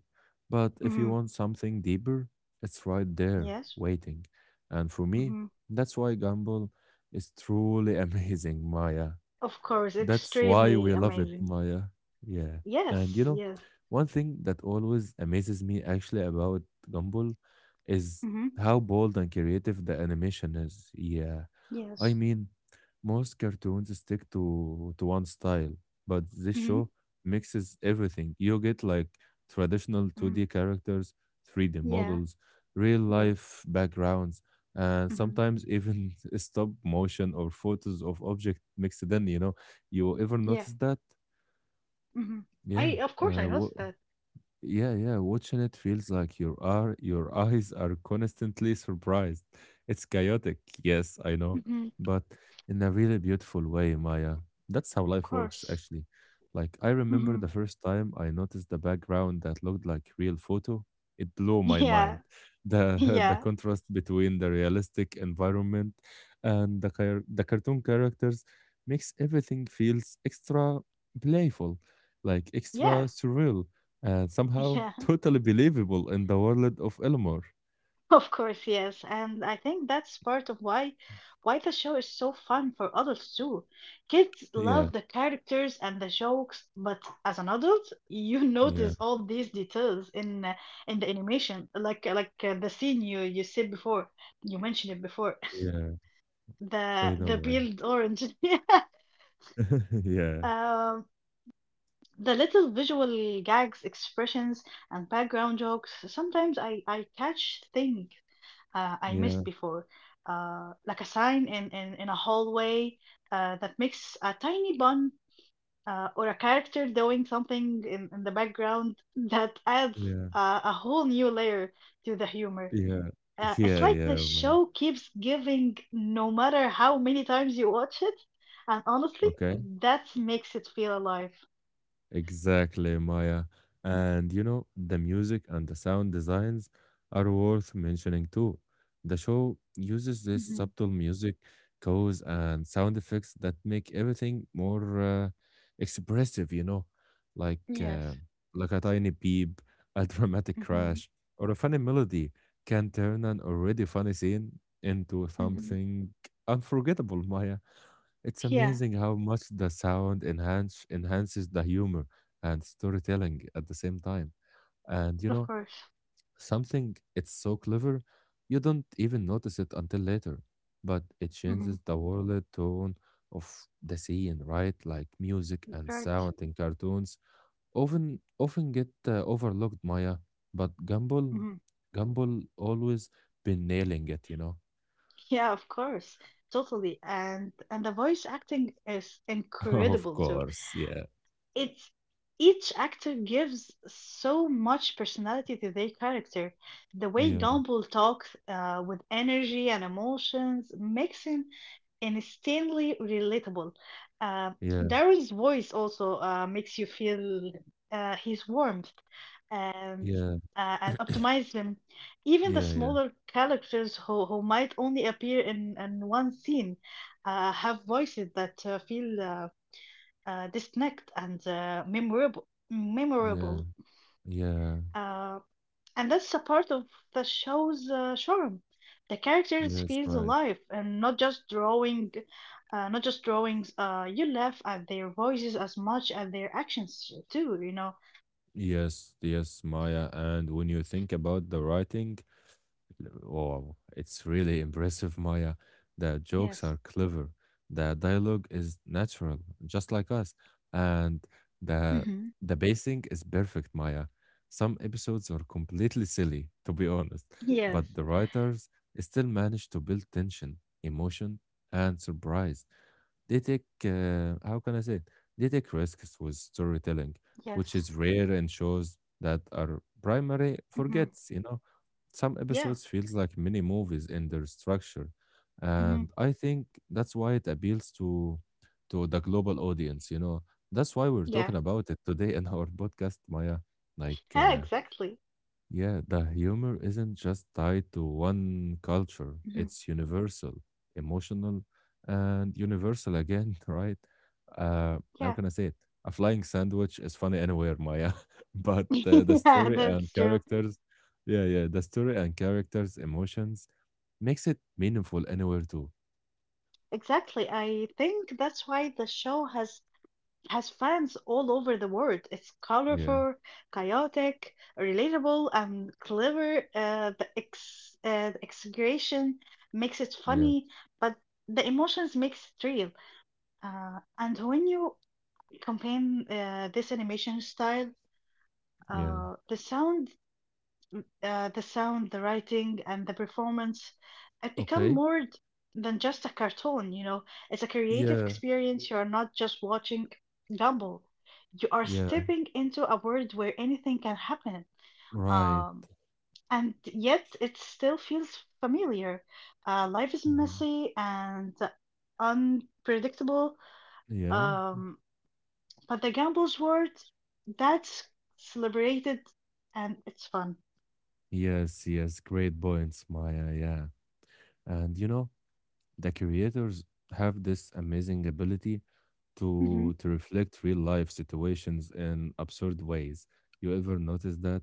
S1: But if you
S2: hmm
S1: want something deeper, it's right there
S2: Yes.
S1: waiting. And for me,
S2: hmm
S1: that's why Gumball is truly amazing, Maya.
S2: Of course,
S1: That's why we
S2: extremely
S1: love it,
S2: amazing.
S1: Maya. Yeah. And you
S2: Yes.
S1: know,
S2: Yes.
S1: one thing that always amazes me actually about Gumball is
S2: hmm
S1: how bold and creative the animation is. Yeah. I
S2: Yes.
S1: mean, most cartoons stick to to one style, but this
S2: hmm
S1: show mixes everything. You get like traditional
S2: hmm
S1: two D characters, three D
S2: Yeah.
S1: models, real
S2: Yeah.
S1: life backgrounds, and
S2: hmm
S1: sometimes even stop motion or photos of objects mixed in, you know, you ever
S2: Yeah.
S1: notice that?
S2: Mhm.
S1: Yeah.
S2: I of course I
S1: Uh, wha
S2: noticed that.
S1: yeah, yeah. Watching it feels like your are your eyes are constantly surprised. It's chaotic, yes, I know,
S2: Mhm.
S1: but in a really beautiful way, Maya. That's how
S2: Of
S1: life works,
S2: course.
S1: actually. Like I remember
S2: Mhm.
S1: the first time I noticed the background that looked like real photo. It blew my
S2: Yeah.
S1: mind. The the
S2: Yeah.
S1: contrast between the realistic environment and the car- the cartoon characters makes everything feels extra playful, like extra
S2: Yeah.
S1: surreal and somehow
S2: Yeah.
S1: totally believable in the world of Elmore.
S2: Of course, yes. And I think that's part of why why the show is so fun for adults too. Kids
S1: Yeah,
S2: love the characters and the jokes, but as an adult, you
S1: yeah,
S2: notice all these details in uh, in the animation, like like uh, the scene you you said before. You mentioned it before.
S1: yeah. I
S2: The
S1: know,
S2: the
S1: man.
S2: peeled orange. Yeah.
S1: Yeah,
S2: Um, the little visual gags, expressions, and background jokes. Sometimes I, I catch things uh, I missed
S1: yeah,
S2: before, uh, like a sign in, in, in a hallway uh, that makes a tiny bun uh, or a character doing something in, in the background that adds
S1: yeah,
S2: uh, a whole new layer to the humor.
S1: yeah,
S2: Uh, it's
S1: yeah,
S2: like the
S1: yeah, man.
S2: show keeps giving no matter how many times you watch it. And honestly,
S1: Okay.
S2: that makes it feel alive.
S1: Exactly, Maya. Mm. And you know, the music and the sound designs are worth mentioning too. The show uses this
S2: Mhm. Mhm.
S1: subtle music, cues, and sound effects that make everything more uh, expressive, you know, like
S2: Yes.
S1: uh, like a tiny beep, a dramatic
S2: Mm-hmm.
S1: crash, or a funny melody can turn an already funny scene into
S2: hmm
S1: something unforgettable, Maya. It's
S2: Yeah,
S1: amazing how much the sound enhance enhances the humor and storytelling at the same time. And you
S2: of
S1: know,
S2: course.
S1: something it's so clever, you don't even notice it until later, but it
S2: Hmm
S1: changes the world tone of the scene, right? Like music and
S2: Right.
S1: sound in cartoons often often get uh, overlooked, Maya, but Gumball
S2: hmm
S1: Gumball always been nailing it, you know.
S2: Yeah, of course. Totally. And and the voice acting is
S1: Of
S2: incredible too.
S1: course, yeah.
S2: It's each actor gives so much personality to their character. The way
S1: Yeah,
S2: Gumball talks uh, with energy and emotions makes him instantly relatable. Uh,
S1: yeah,
S2: Daryl's voice also uh, makes you feel uh, his warmth and
S1: yeah,
S2: uh, and optimize them. Even the
S1: yeah, yeah.
S2: smaller characters who, who might only appear in, in one scene uh, have voices that uh, feel uh, uh, distinct and uh, memorable.
S1: Yeah,
S2: Memorable,
S1: yeah,
S2: uh, and that's a part of the show's uh, charm. The characters
S1: yes,
S2: feels
S1: right.
S2: alive and not just drawing, uh, not just drawings. Uh, you laugh at their voices as much as their actions too. You know.
S1: Yes, yes, Maya. And when you think about the writing, wow, it's really impressive, Maya. The jokes
S2: Yes.
S1: are clever. The dialogue is natural, just like us. And the
S2: Mm-hmm.
S1: the pacing is perfect, Maya. Some episodes are completely silly, to be honest,
S2: Yes.
S1: but the writers still manage to build tension, emotion, and surprise. They take, uh, how can I say it? They take risks with storytelling, which
S2: Yes.
S1: is rare in shows that are primary
S2: Mm-hmm.
S1: forgets, you know? Some
S2: Yeah.
S1: episodes feels like mini movies in their structure,
S2: Mm-hmm.
S1: and I think that's why it appeals to to the global audience, you know. That's why we're
S2: Yeah.
S1: talking about it today in our podcast, Maya. Like
S2: Yeah,
S1: uh,
S2: exactly.
S1: yeah, the humor isn't just tied to one culture,
S2: Mm-hmm.
S1: it's universal, emotional, and universal again, right? Uh, how
S2: Yeah.
S1: can I say it? A flying sandwich is funny anywhere, Maya, but uh, the
S2: Yeah,
S1: story and
S2: that's true.
S1: characters, yeah, yeah, the story and characters' emotions makes it meaningful anywhere too.
S2: Exactly. I think that's why the show has has fans all over the world. It's
S1: Yeah,
S2: colorful, chaotic, relatable, and clever. Uh, the ex uh, the exaggeration makes it
S1: yeah,
S2: funny, but the emotions makes it real. Uh, and when you combine uh, this animation style,
S1: yeah.
S2: uh, the sound uh, the sound, the writing, and the performance. It become
S1: Okay.
S2: more d- than just a cartoon, you know. It's a creative
S1: Yeah,
S2: experience. You are not just watching Gumball. You are
S1: yeah,
S2: stepping into a world where anything can happen.
S1: right.
S2: Um, and yet it still feels familiar. Uh, life is
S1: Mhm.
S2: messy and unpredictable.
S1: Yeah.
S2: Um, but the Gumball's world, that's celebrated and it's fun.
S1: Yes, yes, great points, Maya. Yeah. And you know, the creators have this amazing ability to
S2: Hmm
S1: to reflect real life situations in absurd ways. You ever notice that?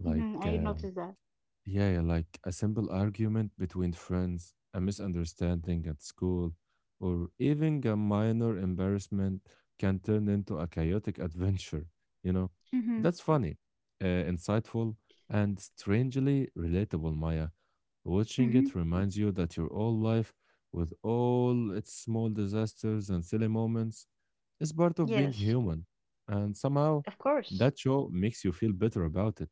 S1: Like
S2: hmm I
S1: uh,
S2: noticed that.
S1: yeah, yeah, like a simple argument between friends, a misunderstanding at school, or even a minor embarrassment can turn into a chaotic adventure, you know?
S2: Mm-hmm.
S1: That's funny, uh, insightful, and strangely relatable, Maya. Watching it
S2: Mm-hmm.
S1: reminds you that your whole life, with all its small disasters and silly moments, it's part of being
S2: Yes,
S1: human, and somehow
S2: of course.
S1: that show makes you feel better about it.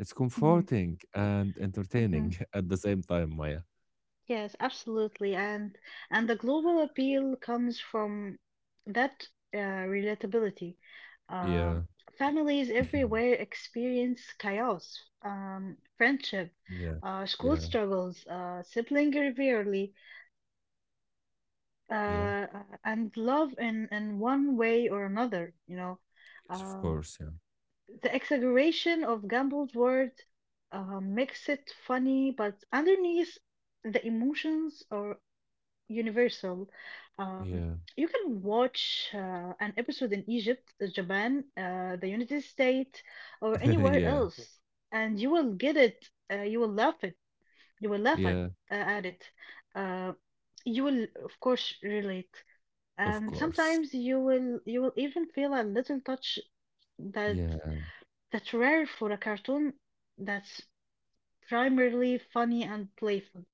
S1: It's
S2: Mm-hmm.
S1: comforting and
S2: Mm-hmm.
S1: entertaining at the same time, Maya.
S2: Yes, absolutely. And and the global appeal comes from that uh, relatability.
S1: Yeah.
S2: Um, families everywhere experience chaos, um, friendship,
S1: Yeah.
S2: uh, school
S1: Yeah.
S2: struggles, uh, sibling rivalry,
S1: Yeah.
S2: uh, uh, and love in in one way or another, you know.
S1: Yes, of
S2: Um,
S1: course. Yeah.
S2: The exaggeration of Gumball's words uh, makes it funny, but underneath the emotions are universal. Um,
S1: Yeah.
S2: you can watch uh, an episode in Egypt, uh, Japan, uh, the United States, or anywhere
S1: Yeah.
S2: else, and you will get it. Uh, you will laugh it. You will laugh at
S1: Yeah.
S2: uh, at it. Uh, you will, of course, relate,
S1: Of
S2: and
S1: course.
S2: sometimes you will you will even feel a little touch that
S1: Yeah.
S2: that's rare for a cartoon that's primarily funny and playful.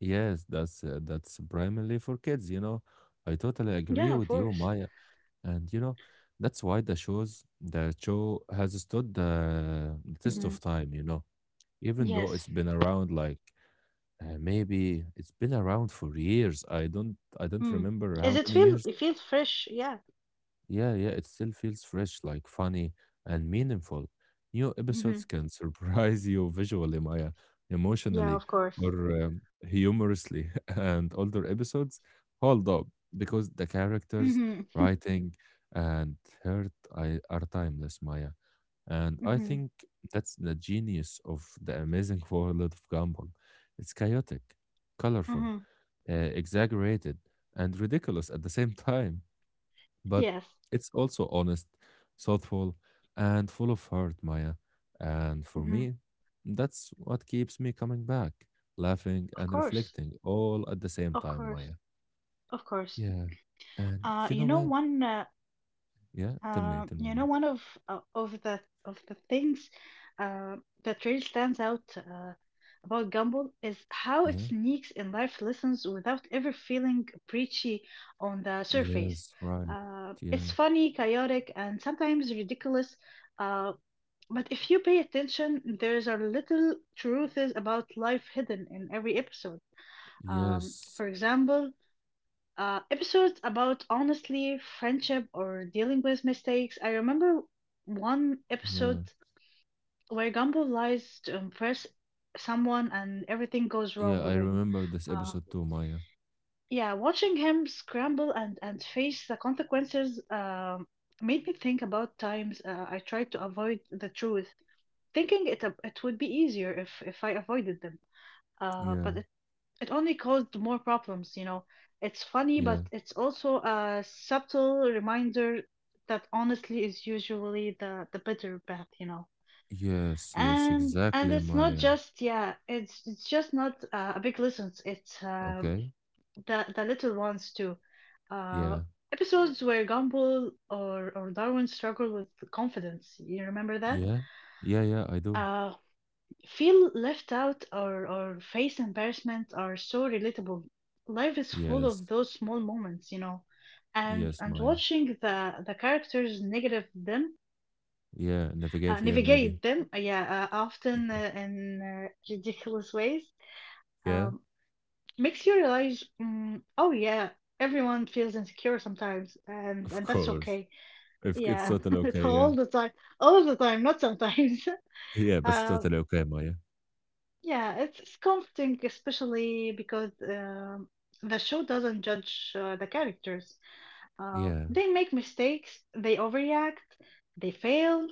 S1: Yes, that's uh, that's primarily for kids, you know. I totally agree
S2: Yeah, of
S1: with you,
S2: course.
S1: Maya. And you know, that's why the shows the show has stood the test
S2: Hmm
S1: of time, you know, even though
S2: Yes.
S1: it's been around like uh, maybe it's been around for years. I don't I don't
S2: Mm.
S1: remember
S2: Is
S1: how
S2: it
S1: many
S2: feel
S1: years,
S2: it feels fresh? Yeah.
S1: yeah, yeah, it still feels fresh, like funny and meaningful. New
S2: hmm
S1: episodes can surprise you visually, Maya,
S2: Yeah,
S1: emotionally,
S2: of course.
S1: or um, humorously. And older episodes hold up because the characters,
S2: Hmm
S1: writing, and heart I, are timeless, Maya. And I
S2: hmm
S1: think that's the genius of the amazing world of Gumball. It's chaotic, colorful,
S2: hmm
S1: uh, exaggerated, and ridiculous at the same time, but
S2: Yes.
S1: it's also honest, thoughtful, and full of heart, Maya. And for
S2: hmm
S1: me, that's what keeps me coming back, laughing
S2: Of
S1: and
S2: course.
S1: reflecting all at the same
S2: Of
S1: time,
S2: course.
S1: Maya.
S2: Of course.
S1: Yeah. And
S2: Uh,
S1: you know,
S2: you know
S1: Maya,
S2: one. Uh,
S1: yeah, tell me,
S2: Um,
S1: tell me,
S2: you know,
S1: Maya.
S2: one of uh, of the of the things uh, that really stands out uh, about Gumball is how it
S1: Yeah,
S2: sneaks in life lessons without ever feeling preachy on the
S1: yes,
S2: surface.
S1: right.
S2: Uh,
S1: Yeah,
S2: it's funny, chaotic, and sometimes ridiculous. Uh, but if you pay attention, there's are little truths about life hidden in every episode. Um,
S1: yes,
S2: for example, uh, episodes about honestly friendship or dealing with mistakes. I remember one
S1: yeah,
S2: episode where Gumball lies to impress someone and everything goes wrong
S1: yeah. I
S2: with him.
S1: remember this
S2: Um,
S1: episode too, Maya.
S2: yeah, watching him scramble and, and face the consequences um, made me think about times uh, I tried to avoid the truth, thinking it it would be easier if, if I avoided them. Uh,
S1: Yeah,
S2: but it it only caused more problems, you know. It's funny, but
S1: yeah,
S2: it's also a subtle reminder that honestly is usually the the better path, you know.
S1: yes, yes,
S2: And and
S1: exactly,
S2: it's not
S1: Maya.
S2: just yeah, it's it's just not uh, a big lessons. It's uh,
S1: Okay,
S2: the the little ones too. Uh,
S1: yeah,
S2: Episodes where Gumball or or Darwin struggle with confidence. You remember that?
S1: yeah, yeah, yeah, I do.
S2: Uh, feel left out or, or face embarrassment are so relatable. Life is full of
S1: Yes.
S2: those small moments, you know, and
S1: Yes,
S2: and
S1: Maya.
S2: watching the the characters negative them
S1: Yeah,
S2: uh,
S1: navigate. Here, maybe.
S2: navigate them, uh, yeah, uh, often uh, in uh, ridiculous ways,
S1: Yeah,
S2: um, makes you realize, mm, oh yeah, everyone feels insecure sometimes, and
S1: of
S2: and that's
S1: course.
S2: okay.
S1: If it's
S2: Yeah,
S1: totally
S2: it's
S1: okay, yeah.
S2: all the time, all the time, not sometimes.
S1: Yeah, but it's
S2: Uh,
S1: totally okay, Maya.
S2: Yeah, it's, it's comforting, especially because um, the show doesn't judge uh, the characters. Uh,
S1: Yeah,
S2: they make mistakes, they overreact, they fail,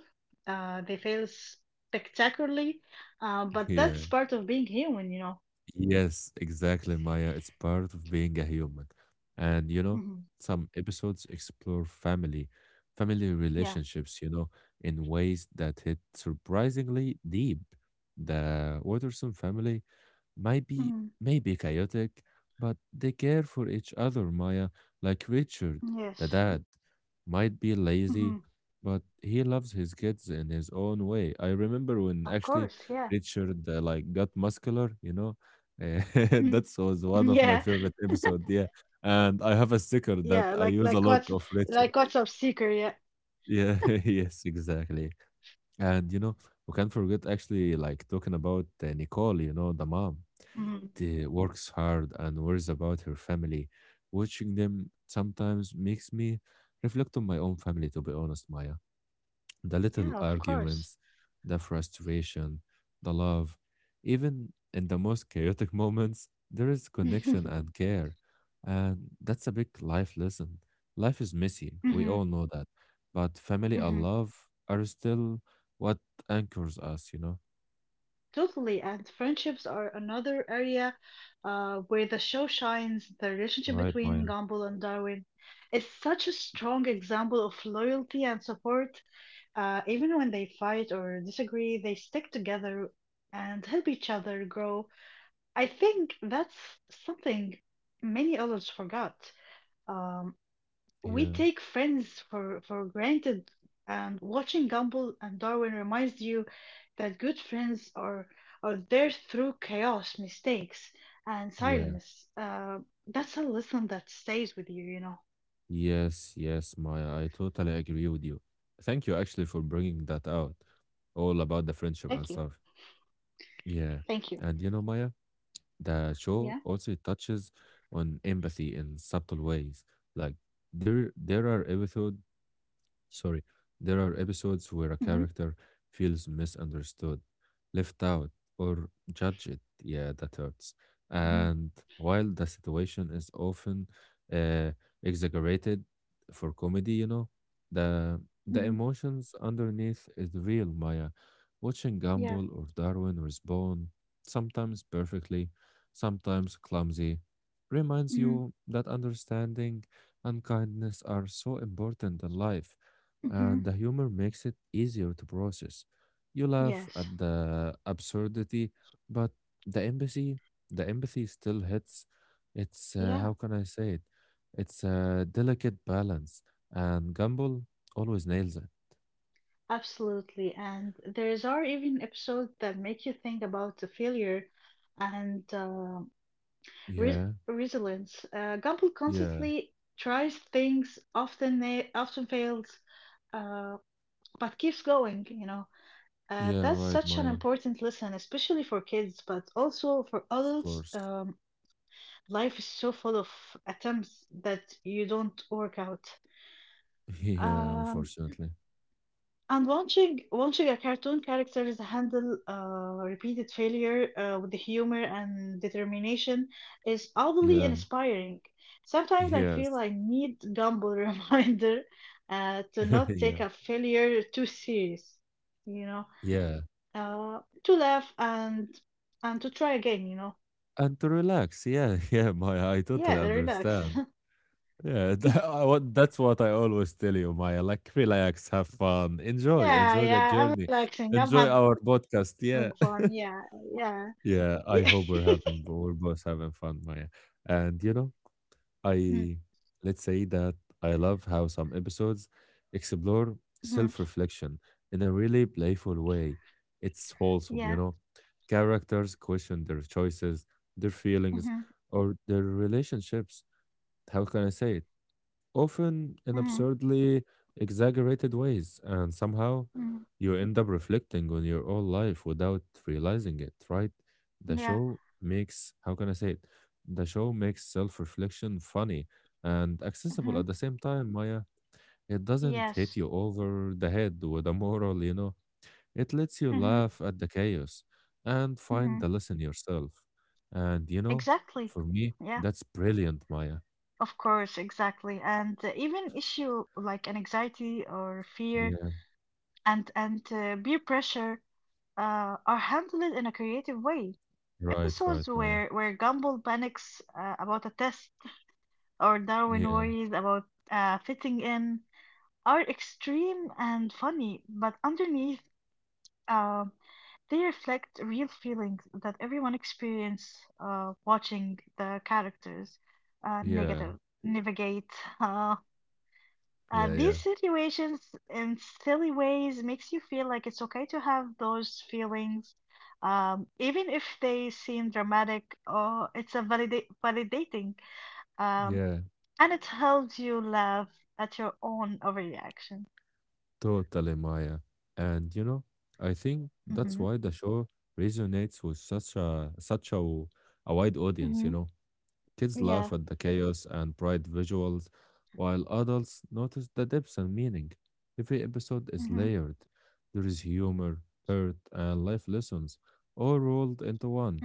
S2: uh, they fail spectacularly, uh, but
S1: yeah.
S2: that's part of being human, you know.
S1: Yes, exactly, Maya. It's part of being a human. And you know,
S2: Hmm
S1: some episodes explore family, family
S2: Yeah.
S1: relationships, you know, in ways that hit surprisingly deep. The Watterson family might be
S2: hmm
S1: maybe chaotic, but they care for each other, Maya. Like Richard, the Mm.
S2: Yes.
S1: dad, might be
S2: hmm
S1: lazy, but he loves his kids in his own way. I remember
S2: Of
S1: when
S2: course.
S1: actually
S2: Yeah.
S1: Richard uh, like got muscular, you know. eh, that
S2: Yeah.
S1: was one of my favorite episodes. Yeah, and I have a
S2: Yeah.
S1: sticker
S2: Like
S1: that
S2: like
S1: I
S2: what's
S1: use a lot of
S2: like what's up,
S1: Richard.
S2: Seeker? Yeah.
S1: Yeah, yes, exactly. And you know, we can't forget actually like talking about uh, Nicole, you know, the mom.
S2: hmm
S1: She works hard and worries about her family. Watching them sometimes makes me reflect on my own family, to be honest, Maya. The little
S2: Yeah. Of course.
S1: arguments, the frustration, the love, even in the most chaotic moments, there is connection
S2: hmm
S1: and care. And that's a big life lesson. Life is messy, we all know that. But family and
S2: hmm
S1: love are still what anchors us, you know?
S2: Totally, and friendships are another area uh, where the show shines. The relationship
S1: Right, Maya?
S2: between Gumball and Darwin is such a strong example of loyalty and support. Uh, even when they fight or disagree, they stick together and help each other grow. I think that's something many adults forgot. Um,
S1: Yeah,
S2: we take friends for, for granted, and watching Gumball and Darwin reminds you that good friends are, are there through chaos, mistakes, and
S1: yeah.
S2: silence. Uh, that's a lesson that stays with you, you know.
S1: Yes, yes, Maya. I totally agree with you. Thank you actually for bringing that out, all about the
S2: Thank you.
S1: friendship and stuff.
S2: Thank you.
S1: Yeah. And you know, Maya, the
S2: Yeah.
S1: show also touches on empathy in subtle ways. Like there there are episodes. Sorry, there are episodes
S2: Mm-hmm.
S1: where a character feels misunderstood, left out, or judged. Yeah, that hurts.
S2: Mm-hmm.
S1: And while the situation is often uh, exaggerated for comedy, you know, the
S2: Mm-hmm.
S1: the emotions underneath is real, Maya. Watching
S2: Yeah.
S1: Gumball or Darwin respond, sometimes perfectly, sometimes clumsy, reminds
S2: Mm-hmm.
S1: you that understanding and kindness are so important in life,
S2: Mm-hmm.
S1: and the humor makes it easier to process. You laugh
S2: Yes.
S1: at the absurdity, but the empathy, the empathy still hits. It's uh,
S2: Yeah.
S1: how can I say it? It's a delicate balance, and Gumball always nails it.
S2: Absolutely. And there's are even episodes that make you think about the failure and uh, Re-
S1: Yeah,
S2: resilience. Uh, Gumball
S1: yeah,
S2: constantly tries things, often na- often fails, uh, but keeps going. You know, uh,
S1: yeah.
S2: that's
S1: Right,
S2: such an
S1: Maya.
S2: important lesson, especially for kids, but also for
S1: Of
S2: adults.
S1: course.
S2: Um, life is so full of attempts that you don't work out.
S1: Yeah,
S2: Um,
S1: unfortunately.
S2: And watching watching a cartoon characters handle uh, repeated failure uh, with the humor and determination is oddly
S1: Yeah.
S2: inspiring. Sometimes I feel
S1: Yes.
S2: I need Gumball reminder uh, to not
S1: Yeah.
S2: take a failure too serious, you know,
S1: Yeah.
S2: uh, to laugh and and to try again, you know.
S1: And to relax. Yeah. Yeah, Maya. I totally
S2: Yeah, relax.
S1: understand. Yeah, tha- I want- that's what I always tell you, Maya. Like, relax, have fun, enjoy,
S2: Yeah,
S1: enjoy the
S2: yeah, I'm
S1: journey,
S2: relaxing. I'm
S1: enjoy
S2: having
S1: our
S2: fun.
S1: podcast.
S2: Yeah,
S1: Yeah,
S2: yeah, yeah.
S1: yeah. I hope we're having, we're both having fun, Maya. And you know,
S2: Mm,
S1: I let's say that I love how some episodes explore
S2: mhm,
S1: self-reflection in a really playful way. It's wholesome,
S2: Yeah.
S1: you know. Characters question their choices, their feelings,
S2: hmm
S1: or their relationships. How can I say it? Often in absurdly exaggerated ways, and somehow
S2: hmm
S1: you end up reflecting on your own life without realizing it, right? The
S2: Yeah.
S1: show makes, how can I say it? The show makes self reflection funny and accessible
S2: Mhm.
S1: at the same time, Maya. It doesn't hit
S2: Yes.
S1: you over the head with a moral, you know. It lets you
S2: Mhm.
S1: laugh at the chaos and
S2: Mhm.
S1: find
S2: Mhm.
S1: the lesson yourself. And, you know,
S2: Exactly.
S1: for me,
S2: Yeah.
S1: that's brilliant, Maya.
S2: Of course, exactly. And uh, even issue like an anxiety or fear
S1: Yeah,
S2: and and uh, peer pressure uh, are handled in a creative way.
S1: right, right,
S2: Episodes
S1: Maya.
S2: where where Gumball panics uh, about a test or Darwin
S1: Yeah.
S2: worries about uh, fitting in are extreme and funny, but underneath Um, they reflect real feelings that everyone experience uh, watching the characters uh,
S1: Yeah,
S2: negative navigate uh, uh,
S1: yeah, yeah,
S2: these situations in silly ways makes you feel like it's okay to have those feelings um, even if they seem dramatic or it's a valida- validating um,
S1: yeah,
S2: and it helps you laugh at your own overreaction.
S1: totally, Maya. And you know, I think that's
S2: Mhm.
S1: why the show resonates with such a such a, w- a wide audience, you
S2: mm-hmm, Mhm.
S1: know. Kids
S2: Yeah.
S1: laugh at the chaos and bright visuals, while adults notice the depths and meaning. Every episode is
S2: mm-hmm,
S1: layered. There is humor, hurt, and life lessons all rolled into one.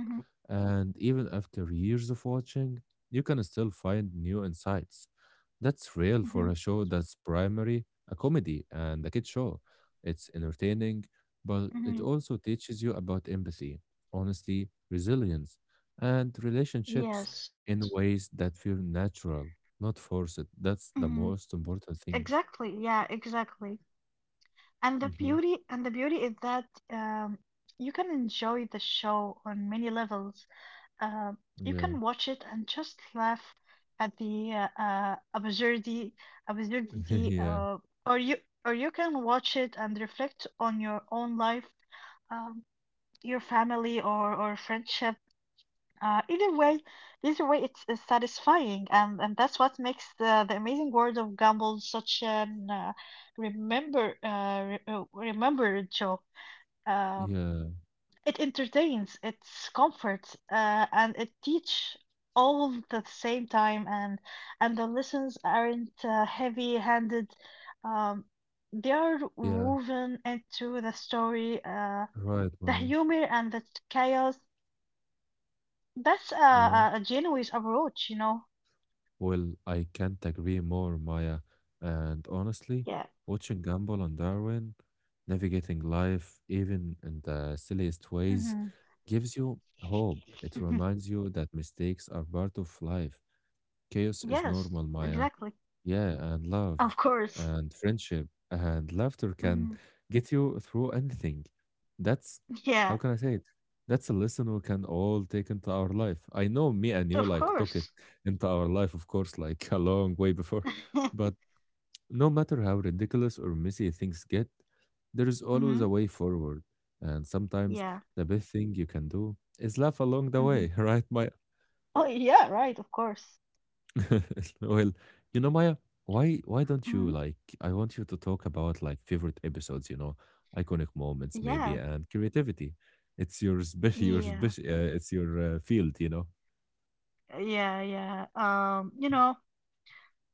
S1: And even after years of watching, you can still find new insights. That's real for a
S2: mm-hmm,
S1: show that's primary a comedy and a kid show. It's entertaining, but
S2: mm-hmm,
S1: it also teaches you about empathy, honesty, resilience, and relationships
S2: Yes.
S1: in ways that feel natural, not forced. That's the
S2: Mhm.
S1: most important things.
S2: Exactly. Yeah, exactly. And the
S1: Hmm.
S2: beauty and the beauty is that um you can enjoy the show on many levels. Um you
S1: Yeah,
S2: can watch it and just laugh at the uh, uh absurdity absurdity
S1: yeah,
S2: uh or you or you can watch it and reflect on your own life, um your family or or friendship. Uh, either way, Either way, it's, uh satisfying, and and that's what makes the the amazing world of Gumball such an uh, remember uh, re uh, remembered show. Um,
S1: yeah,
S2: it entertains, it comforts, uh, and it teach all at the same time, and and the lessons aren't uh, heavy-handed. Um, they are
S1: yeah.
S2: woven into the story, uh,
S1: Right,
S2: the
S1: Maya.
S2: humor and the chaos. That's a,
S1: Yeah.
S2: a a genuine approach, you know.
S1: Well, I can't agree more, Maya. And honestly,
S2: Yeah.
S1: watching Gumball and Darwin navigating life, even in the silliest
S2: hmm
S1: ways, gives you hope.
S2: Mhm.
S1: It reminds you that mistakes are part of life. Chaos is
S2: Yes,
S1: normal, Maya.
S2: exactly.
S1: Yeah, and love
S2: Of course.
S1: and friendship and laughter can
S2: Hmm
S1: get you through anything. That's how
S2: Yeah,
S1: can I say it? That's a lesson we can all take into our life. I know me and you
S2: of
S1: like took it
S2: course.
S1: into our life, of course, like a long way before. But no matter how ridiculous or messy things get, there is always a
S2: hmm
S1: way forward. And sometimes
S2: Yeah.
S1: the best thing you can do is laugh along the way,
S2: hmm
S1: right, Maya?
S2: Oh, yeah, right, of course.
S1: Well, you know, Maya, why why don't you
S2: Hmm
S1: like I want you to talk about like favorite episodes, you know, iconic moments maybe
S2: Yeah,
S1: and creativity. It's your spe- your
S2: yeah,
S1: spe- uh, it's your uh, field, you know.
S2: yeah, yeah. Um, you know,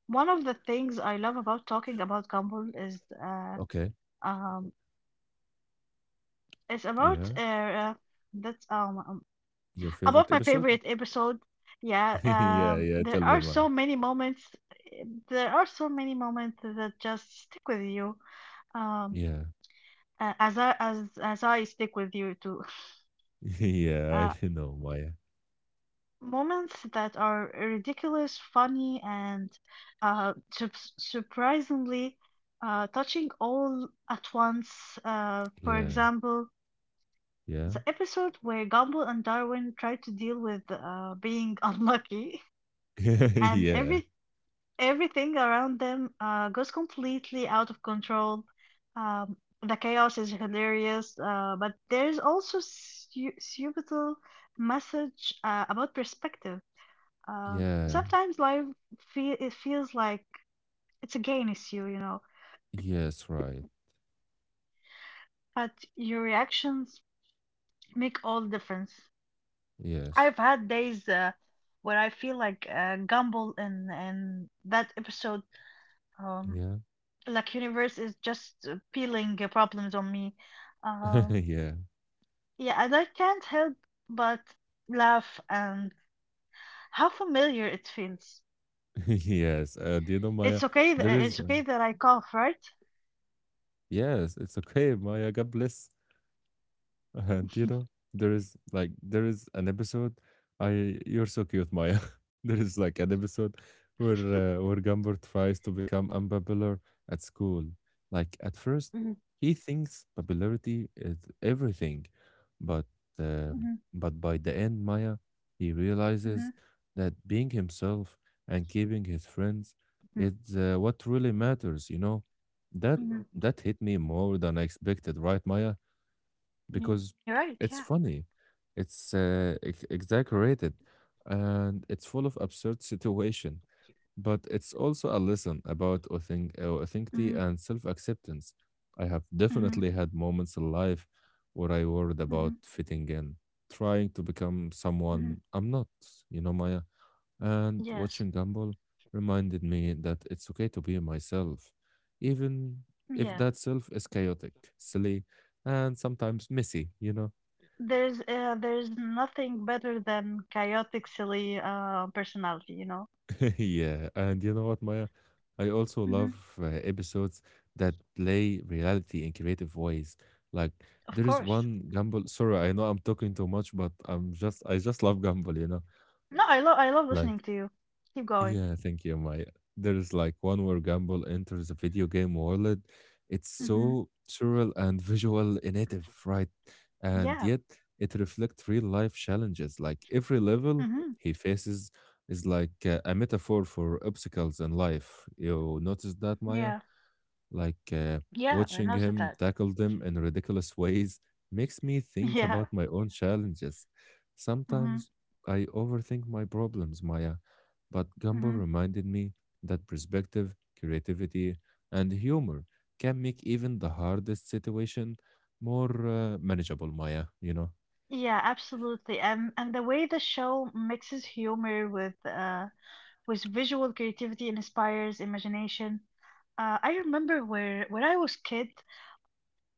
S2: one of the things I love about talking about Gumball is uh
S1: Okay.
S2: um it's about
S1: Yeah.
S2: uh that um
S1: Your favorite
S2: about my
S1: episode?
S2: favorite episode, yeah, um,
S1: Yeah, yeah,
S2: there
S1: tell me,
S2: are so
S1: Maya.
S2: many moments. There are so many moments that just stick with you. Um,
S1: Yeah.
S2: a- as I as as I stick with you too.
S1: Yeah,
S2: Uh,
S1: I know, Maya.
S2: Moments that are ridiculous, funny, and uh, sup surprisingly uh, touching all at once. Uh, for
S1: Yeah.
S2: example,
S1: Yeah.
S2: the episode where Gumball and Darwin try to deal with uh, being unlucky and
S1: Yeah.
S2: every everything around them uh, goes completely out of control. Um, the chaos is hilarious, uh, but there's also su- subtle message uh, about perspective. Uh,
S1: Yeah.
S2: Sometimes life feel it feels like it's against you, you know,
S1: Yes, right.
S2: but your reactions make all the difference.
S1: Yes.
S2: I've had days uh, where I feel like uh, Gumball in in that episode. Um,
S1: Yeah.
S2: like universe is just uh, peeling uh, problems on me. Um,
S1: Yeah.
S2: yeah, and I can't help but laugh and how familiar it feels.
S1: Yes. Uh, do you know, Maya,
S2: It's okay. Th-
S1: there is
S2: it's Yeah.
S1: like
S2: okay that I cough, right?
S1: yes, it's okay, Maya. God bless. Uh, do you know, there is like there is an episode. I you're
S2: Mhm.
S1: so cute, Maya. There is like an episode where uh, where Gumball tries to become unpopular at school. Like
S2: Mm.
S1: at first, he thinks popularity is everything, but
S2: Mhm.
S1: uh, but by the end, Maya, he
S2: Mhm. Mhm.
S1: realizes that being himself and keeping his friends
S2: hmm
S1: is uh, what really matters. You know,
S2: Mm-hmm.
S1: that
S2: Mhm.
S1: that hit me more than I expected, right, Maya?
S2: You're right.
S1: Because
S2: Yeah.
S1: it's funny, it's uh, ex- exaggerated, and it's full of absurd situation. But it's also a lesson about authen- uh, authenticity
S2: Mhm.
S1: and self-acceptance. I have
S2: Mhm.
S1: definitely had moments in life where I worried
S2: Mhm.
S1: about fitting in, trying to become
S2: Mhm.
S1: someone I'm not. You know, Maya, and
S2: Yes.
S1: watching Gumball reminded me that it's okay to be myself, even if
S2: Yeah.
S1: that self is chaotic, silly, and sometimes messy, you know?
S2: There's uh, there's nothing better than chaotic, silly uh, personality. You know.
S1: Yeah, and you know what, Maya? I also love
S2: Mhm.
S1: uh, episodes that play reality in creative ways. Like,
S2: Of
S1: there is
S2: course.
S1: one Gumball. Sorry, I know I'm talking too much, but I'm just, I just love Gumball, you know?
S2: No, I love I love
S1: Like,
S2: listening to you. Keep going.
S1: yeah, thank you, Maya. There's like one where Gumball enters a video game world. It's
S2: Mm-hmm.
S1: so surreal and visual innovative, right? And
S2: Yeah.
S1: yet it reflects real life challenges. Like every level
S2: Mhm.
S1: he faces is like uh, a metaphor for obstacles in life. You notice that,
S2: Yeah.
S1: Maya? Like uh,
S2: Yeah, I noticed
S1: watching
S2: that.
S1: him tackle them in ridiculous ways makes me think
S2: Yeah.
S1: about my own challenges.
S2: Mhm.
S1: Sometimes I overthink my problems, Maya, but Gumball
S2: Mhm.
S1: reminded me that perspective, creativity, and humor can make even the hardest situation more uh, manageable, Maya, you know?
S2: Yeah, absolutely. And and the way the show mixes humor with uh with visual creativity and inspires imagination. Uh, I remember where when I was kid,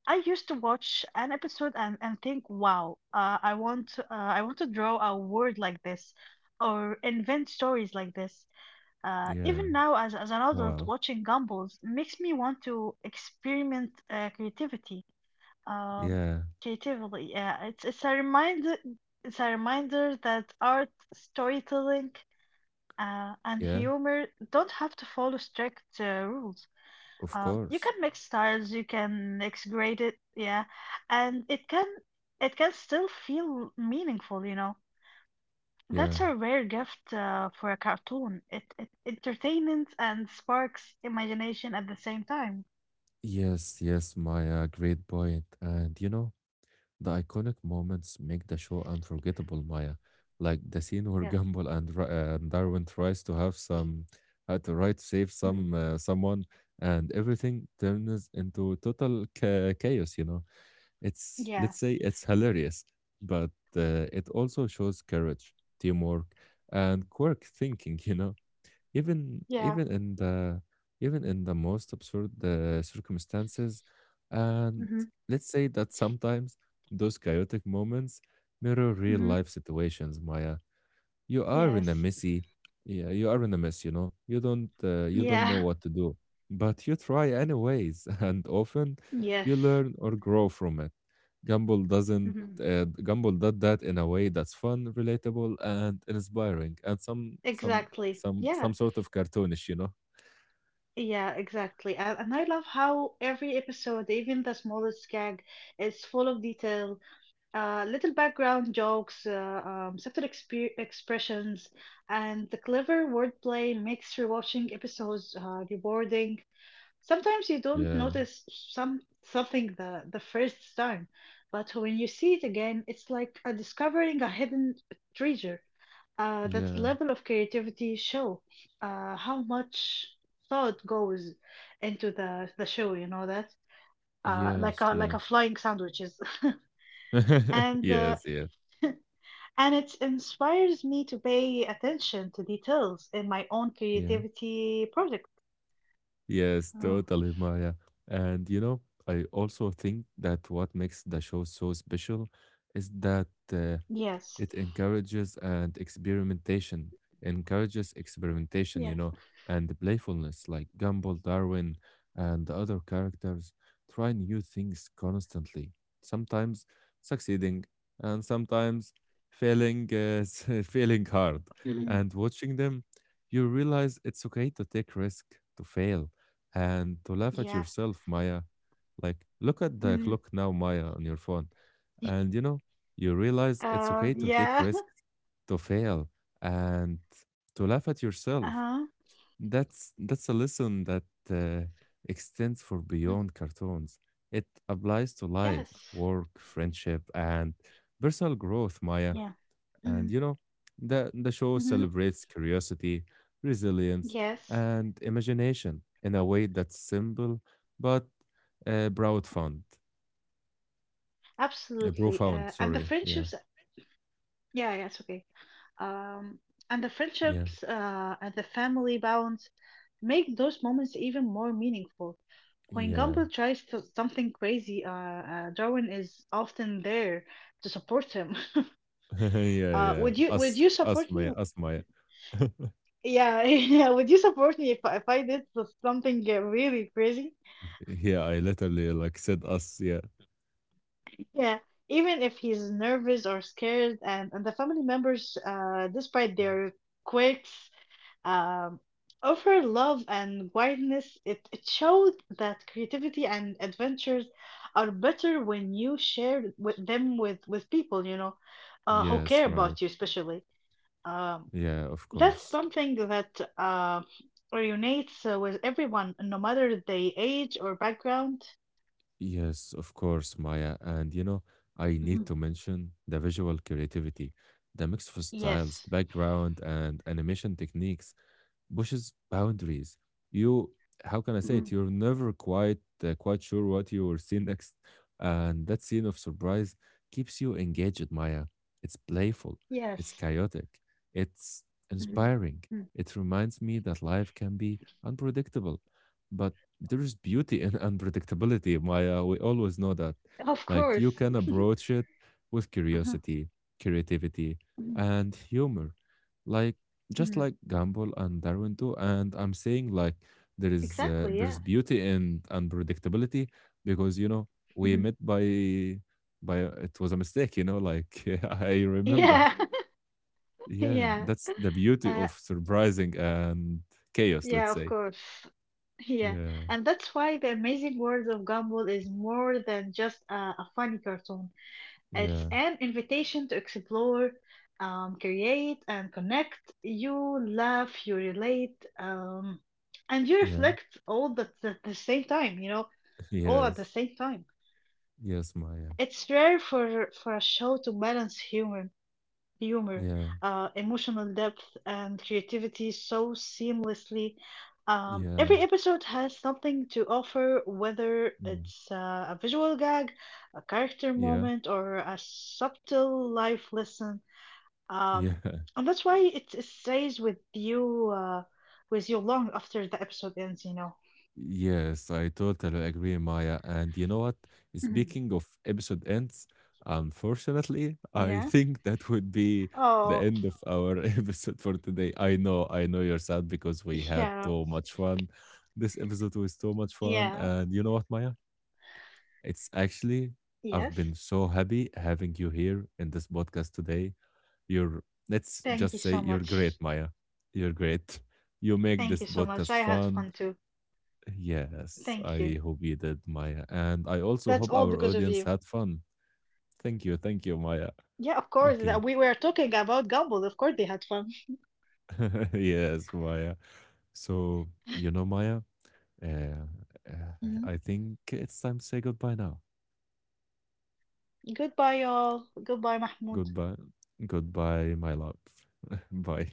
S2: I used to watch an episode and, and think, wow, uh, I want to, uh, I want to draw a word like this or invent stories like this. Uh,
S1: Yeah.
S2: even now, as, as an adult,
S1: Wow.
S2: watching Gumbals makes me want to experiment uh, creativity. Um
S1: Yeah.
S2: creatively, yeah. It's it's a reminder. It's a reminder that art, storytelling, uh, and
S1: Yeah.
S2: humor don't have to follow strict uh, rules.
S1: Of
S2: Um, you can
S1: course.
S2: mix styles. You can mix grade it, yeah, and it can it can still feel meaningful. You know. That's
S1: Yeah.
S2: a rare gift uh, for a cartoon. It, it entertains and sparks imagination at the same time.
S1: Yes, yes, Maya, great point. And you know, the iconic moments make the show unforgettable, Maya. Like the scene where
S2: Yeah.
S1: Gumball and, Ra- uh, and Darwin tries to have some, uh, to right save
S2: hmm
S1: some uh, someone, and everything turns into total cha- chaos. You know, it's
S2: Yeah,
S1: let's say it's hilarious, but uh, it also shows courage, teamwork, and quirk thinking. You know, even
S2: yeah.
S1: even in the even in the most absurd uh, circumstances, and
S2: hmm
S1: let's say that sometimes those chaotic moments mirror real
S2: hmm
S1: life situations, Maya. You are in a
S2: Yes.
S1: messy, yeah, you are in a mess, you know, you don't uh, you don't know
S2: Yeah.
S1: what to do, but you try anyways, and often
S2: Yes.
S1: you learn or grow from it. Gumball doesn't,
S2: hmm
S1: uh, Gumball did that in a way that's fun, relatable, and inspiring, and some some
S2: Exactly.
S1: some some
S2: Yeah.
S1: sort of cartoonish, you know.
S2: Yeah, exactly. And, and I love how every episode, even the smallest gag, is full of detail, Uh, little background jokes, uh, um, subtle expe- expressions, and the clever wordplay makes rewatching episodes uh, rewarding. Sometimes you don't
S1: Yeah,
S2: notice some something the, the first time, but when you see it again, it's like uh, discovering a hidden treasure. Uh, that
S1: yeah,
S2: level of creativity show uh, how much thought goes into the the show. You know that uh, like
S1: yes,
S2: a like a
S1: yes.
S2: flying sandwiches. And uh,
S1: Yes, yes, yes,
S2: And it inspires me to pay attention to details in my own
S1: yeah.
S2: creativity project.
S1: Yes,
S2: Mm,
S1: totally, Maya. And you know, I also think that what makes the show so special is that
S2: Yes.
S1: uh, it encourages and experimentation, encourages
S2: Yes.
S1: experimentation, you know, and the playfulness like Gumball, Darwin, and the other characters try new things constantly, sometimes succeeding and sometimes failing, uh, s- failing hard.
S2: Mm,
S1: And watching them, you realize it's okay to take risk, to fail, and to laugh at
S2: Yeah.
S1: yourself, Maya. Like, look at the
S2: Mm.
S1: clock now, Maya, on your phone. And you know, you realize it's
S2: Uh,
S1: okay to take
S2: yeah.
S1: risks, to fail, and to laugh at
S2: Uh-huh.
S1: yourself. That's that's a lesson that uh, extends for
S2: Mm,
S1: beyond cartoons. It applies to life,
S2: Yes.
S1: work, friendship, and personal growth, Maya.
S2: Yeah.
S1: And
S2: Mm.
S1: you know, the the show
S2: hmm
S1: celebrates curiosity, resilience,
S2: Yes.
S1: and imagination in a way that's simple but uh, profound. Uh,
S2: Absolutely. Uh, and the
S1: profound, sorry.
S2: friendships.
S1: Yeah,
S2: Yeah. Yeah. It's Okay. Um, and the
S1: yeah,
S2: friendships uh, and the family bonds make those moments even more meaningful. When
S1: yeah.
S2: Gumball tries to, something crazy, uh, uh, Darwin is often there to support him.
S1: Yeah,
S2: Uh,
S1: yeah.
S2: would you would
S1: Us,
S2: you
S1: us,
S2: support me?
S1: Maya, us, Maya.
S2: Yeah, yeah. Would you support me if I- if I did s- something uh, really crazy?
S1: Yeah, I literally like said us. Yeah.
S2: Yeah, even if he's nervous or scared, and and the family members, uh, despite their quirks, um, offer love and wildness. It, it shows that creativity and adventures are better when you share with them with, with people, you know, uh, who
S1: Yes,
S2: care
S1: right.
S2: about you, especially. Um,
S1: Yeah, of
S2: that's
S1: course.
S2: something that uh, resonates uh, with everyone, no matter the age or background.
S1: Yes, of course, Maya. And you know, I
S2: Mhm,
S1: need to mention the visual creativity, the mix of styles,
S2: Yes.
S1: background, and animation techniques. Pushes boundaries. You, how can I
S2: mhm,
S1: say it?
S2: Mhm.
S1: You're never quite uh, quite sure what you will see next, and that scene of surprise keeps you engaged, Maya. It's playful, it's
S2: Yes.
S1: chaotic, it's
S2: mhm,
S1: inspiring. It reminds me that life can be unpredictable, but there is beauty in unpredictability, Maya. We always know that.
S2: Of
S1: Like you
S2: course.
S1: can approach it with
S2: Mhm,
S1: curiosity, creativity,
S2: Mhm.
S1: and humor. Like just
S2: Mhm.
S1: like Gamble and Darwin do. And I'm saying like there is uh,
S2: Exactly. Yeah.
S1: there's beauty in unpredictability because you know we
S2: mhm.
S1: met by by it was a mistake. You know, like I remember.
S2: Yeah.
S1: Yeah,
S2: Yeah.
S1: that's the beauty
S2: Uh,
S1: of surprising and chaos.
S2: yeah,
S1: Let's
S2: of
S1: say.
S2: course. Yeah,
S1: Yeah,
S2: and that's why The Amazing World of Gumball is more than just a, a funny cartoon. It's
S1: yeah,
S2: an invitation to explore, um, create, and connect. You laugh, you relate, um, and you
S1: yeah.
S2: reflect all the, at the same time, you know, all at the
S1: Yes,
S2: same time.
S1: yes, Maya.
S2: It's rare for, for a show to balance humor, humor,
S1: Yeah,
S2: uh, emotional depth, and creativity so seamlessly. Um, every
S1: yeah,
S2: episode has something to offer, whether it's uh, a visual gag, a character
S1: yeah,
S2: moment, or a subtle life lesson.
S1: yeah,
S2: Um,
S1: yeah.
S2: and that's why it, it stays with you, uh, with you long after the episode ends. You know.
S1: Yes, I totally agree, Maya. And you know what?
S2: Mhm.
S1: Speaking of episode ends, unfortunately,
S2: Yeah.
S1: I think that would be
S2: Oh,
S1: the end of our episode for today. I know, I know you're sad because we
S2: yeah,
S1: had so much fun. This episode was so much fun.
S2: yeah,
S1: And you know what, Maya? It's actually,
S2: yes.
S1: I've been so happy having you here in this podcast today. You're, let's
S2: Thank you
S1: just
S2: so
S1: say, you're
S2: much.
S1: great, Maya. You're great. You make
S2: Thank
S1: this
S2: you so much.
S1: podcast
S2: I had
S1: fun.
S2: fun too.
S1: Yes,
S2: Thank you.
S1: I hope you did, Maya. And I also
S2: That's
S1: hope
S2: all
S1: our
S2: because of
S1: audience
S2: you.
S1: had fun. Thank you. Thank you, Maya.
S2: Yeah, of course. That
S1: Okay.
S2: we were talking about Gumball. Of course, they had fun.
S1: Yes, Maya. So, you know, Maya, uh, uh, I
S2: Mhm.
S1: think it's time to say goodbye now.
S2: Goodbye, y'all. Goodbye, Mahmoud.
S1: Goodbye. Goodbye, my love. Bye.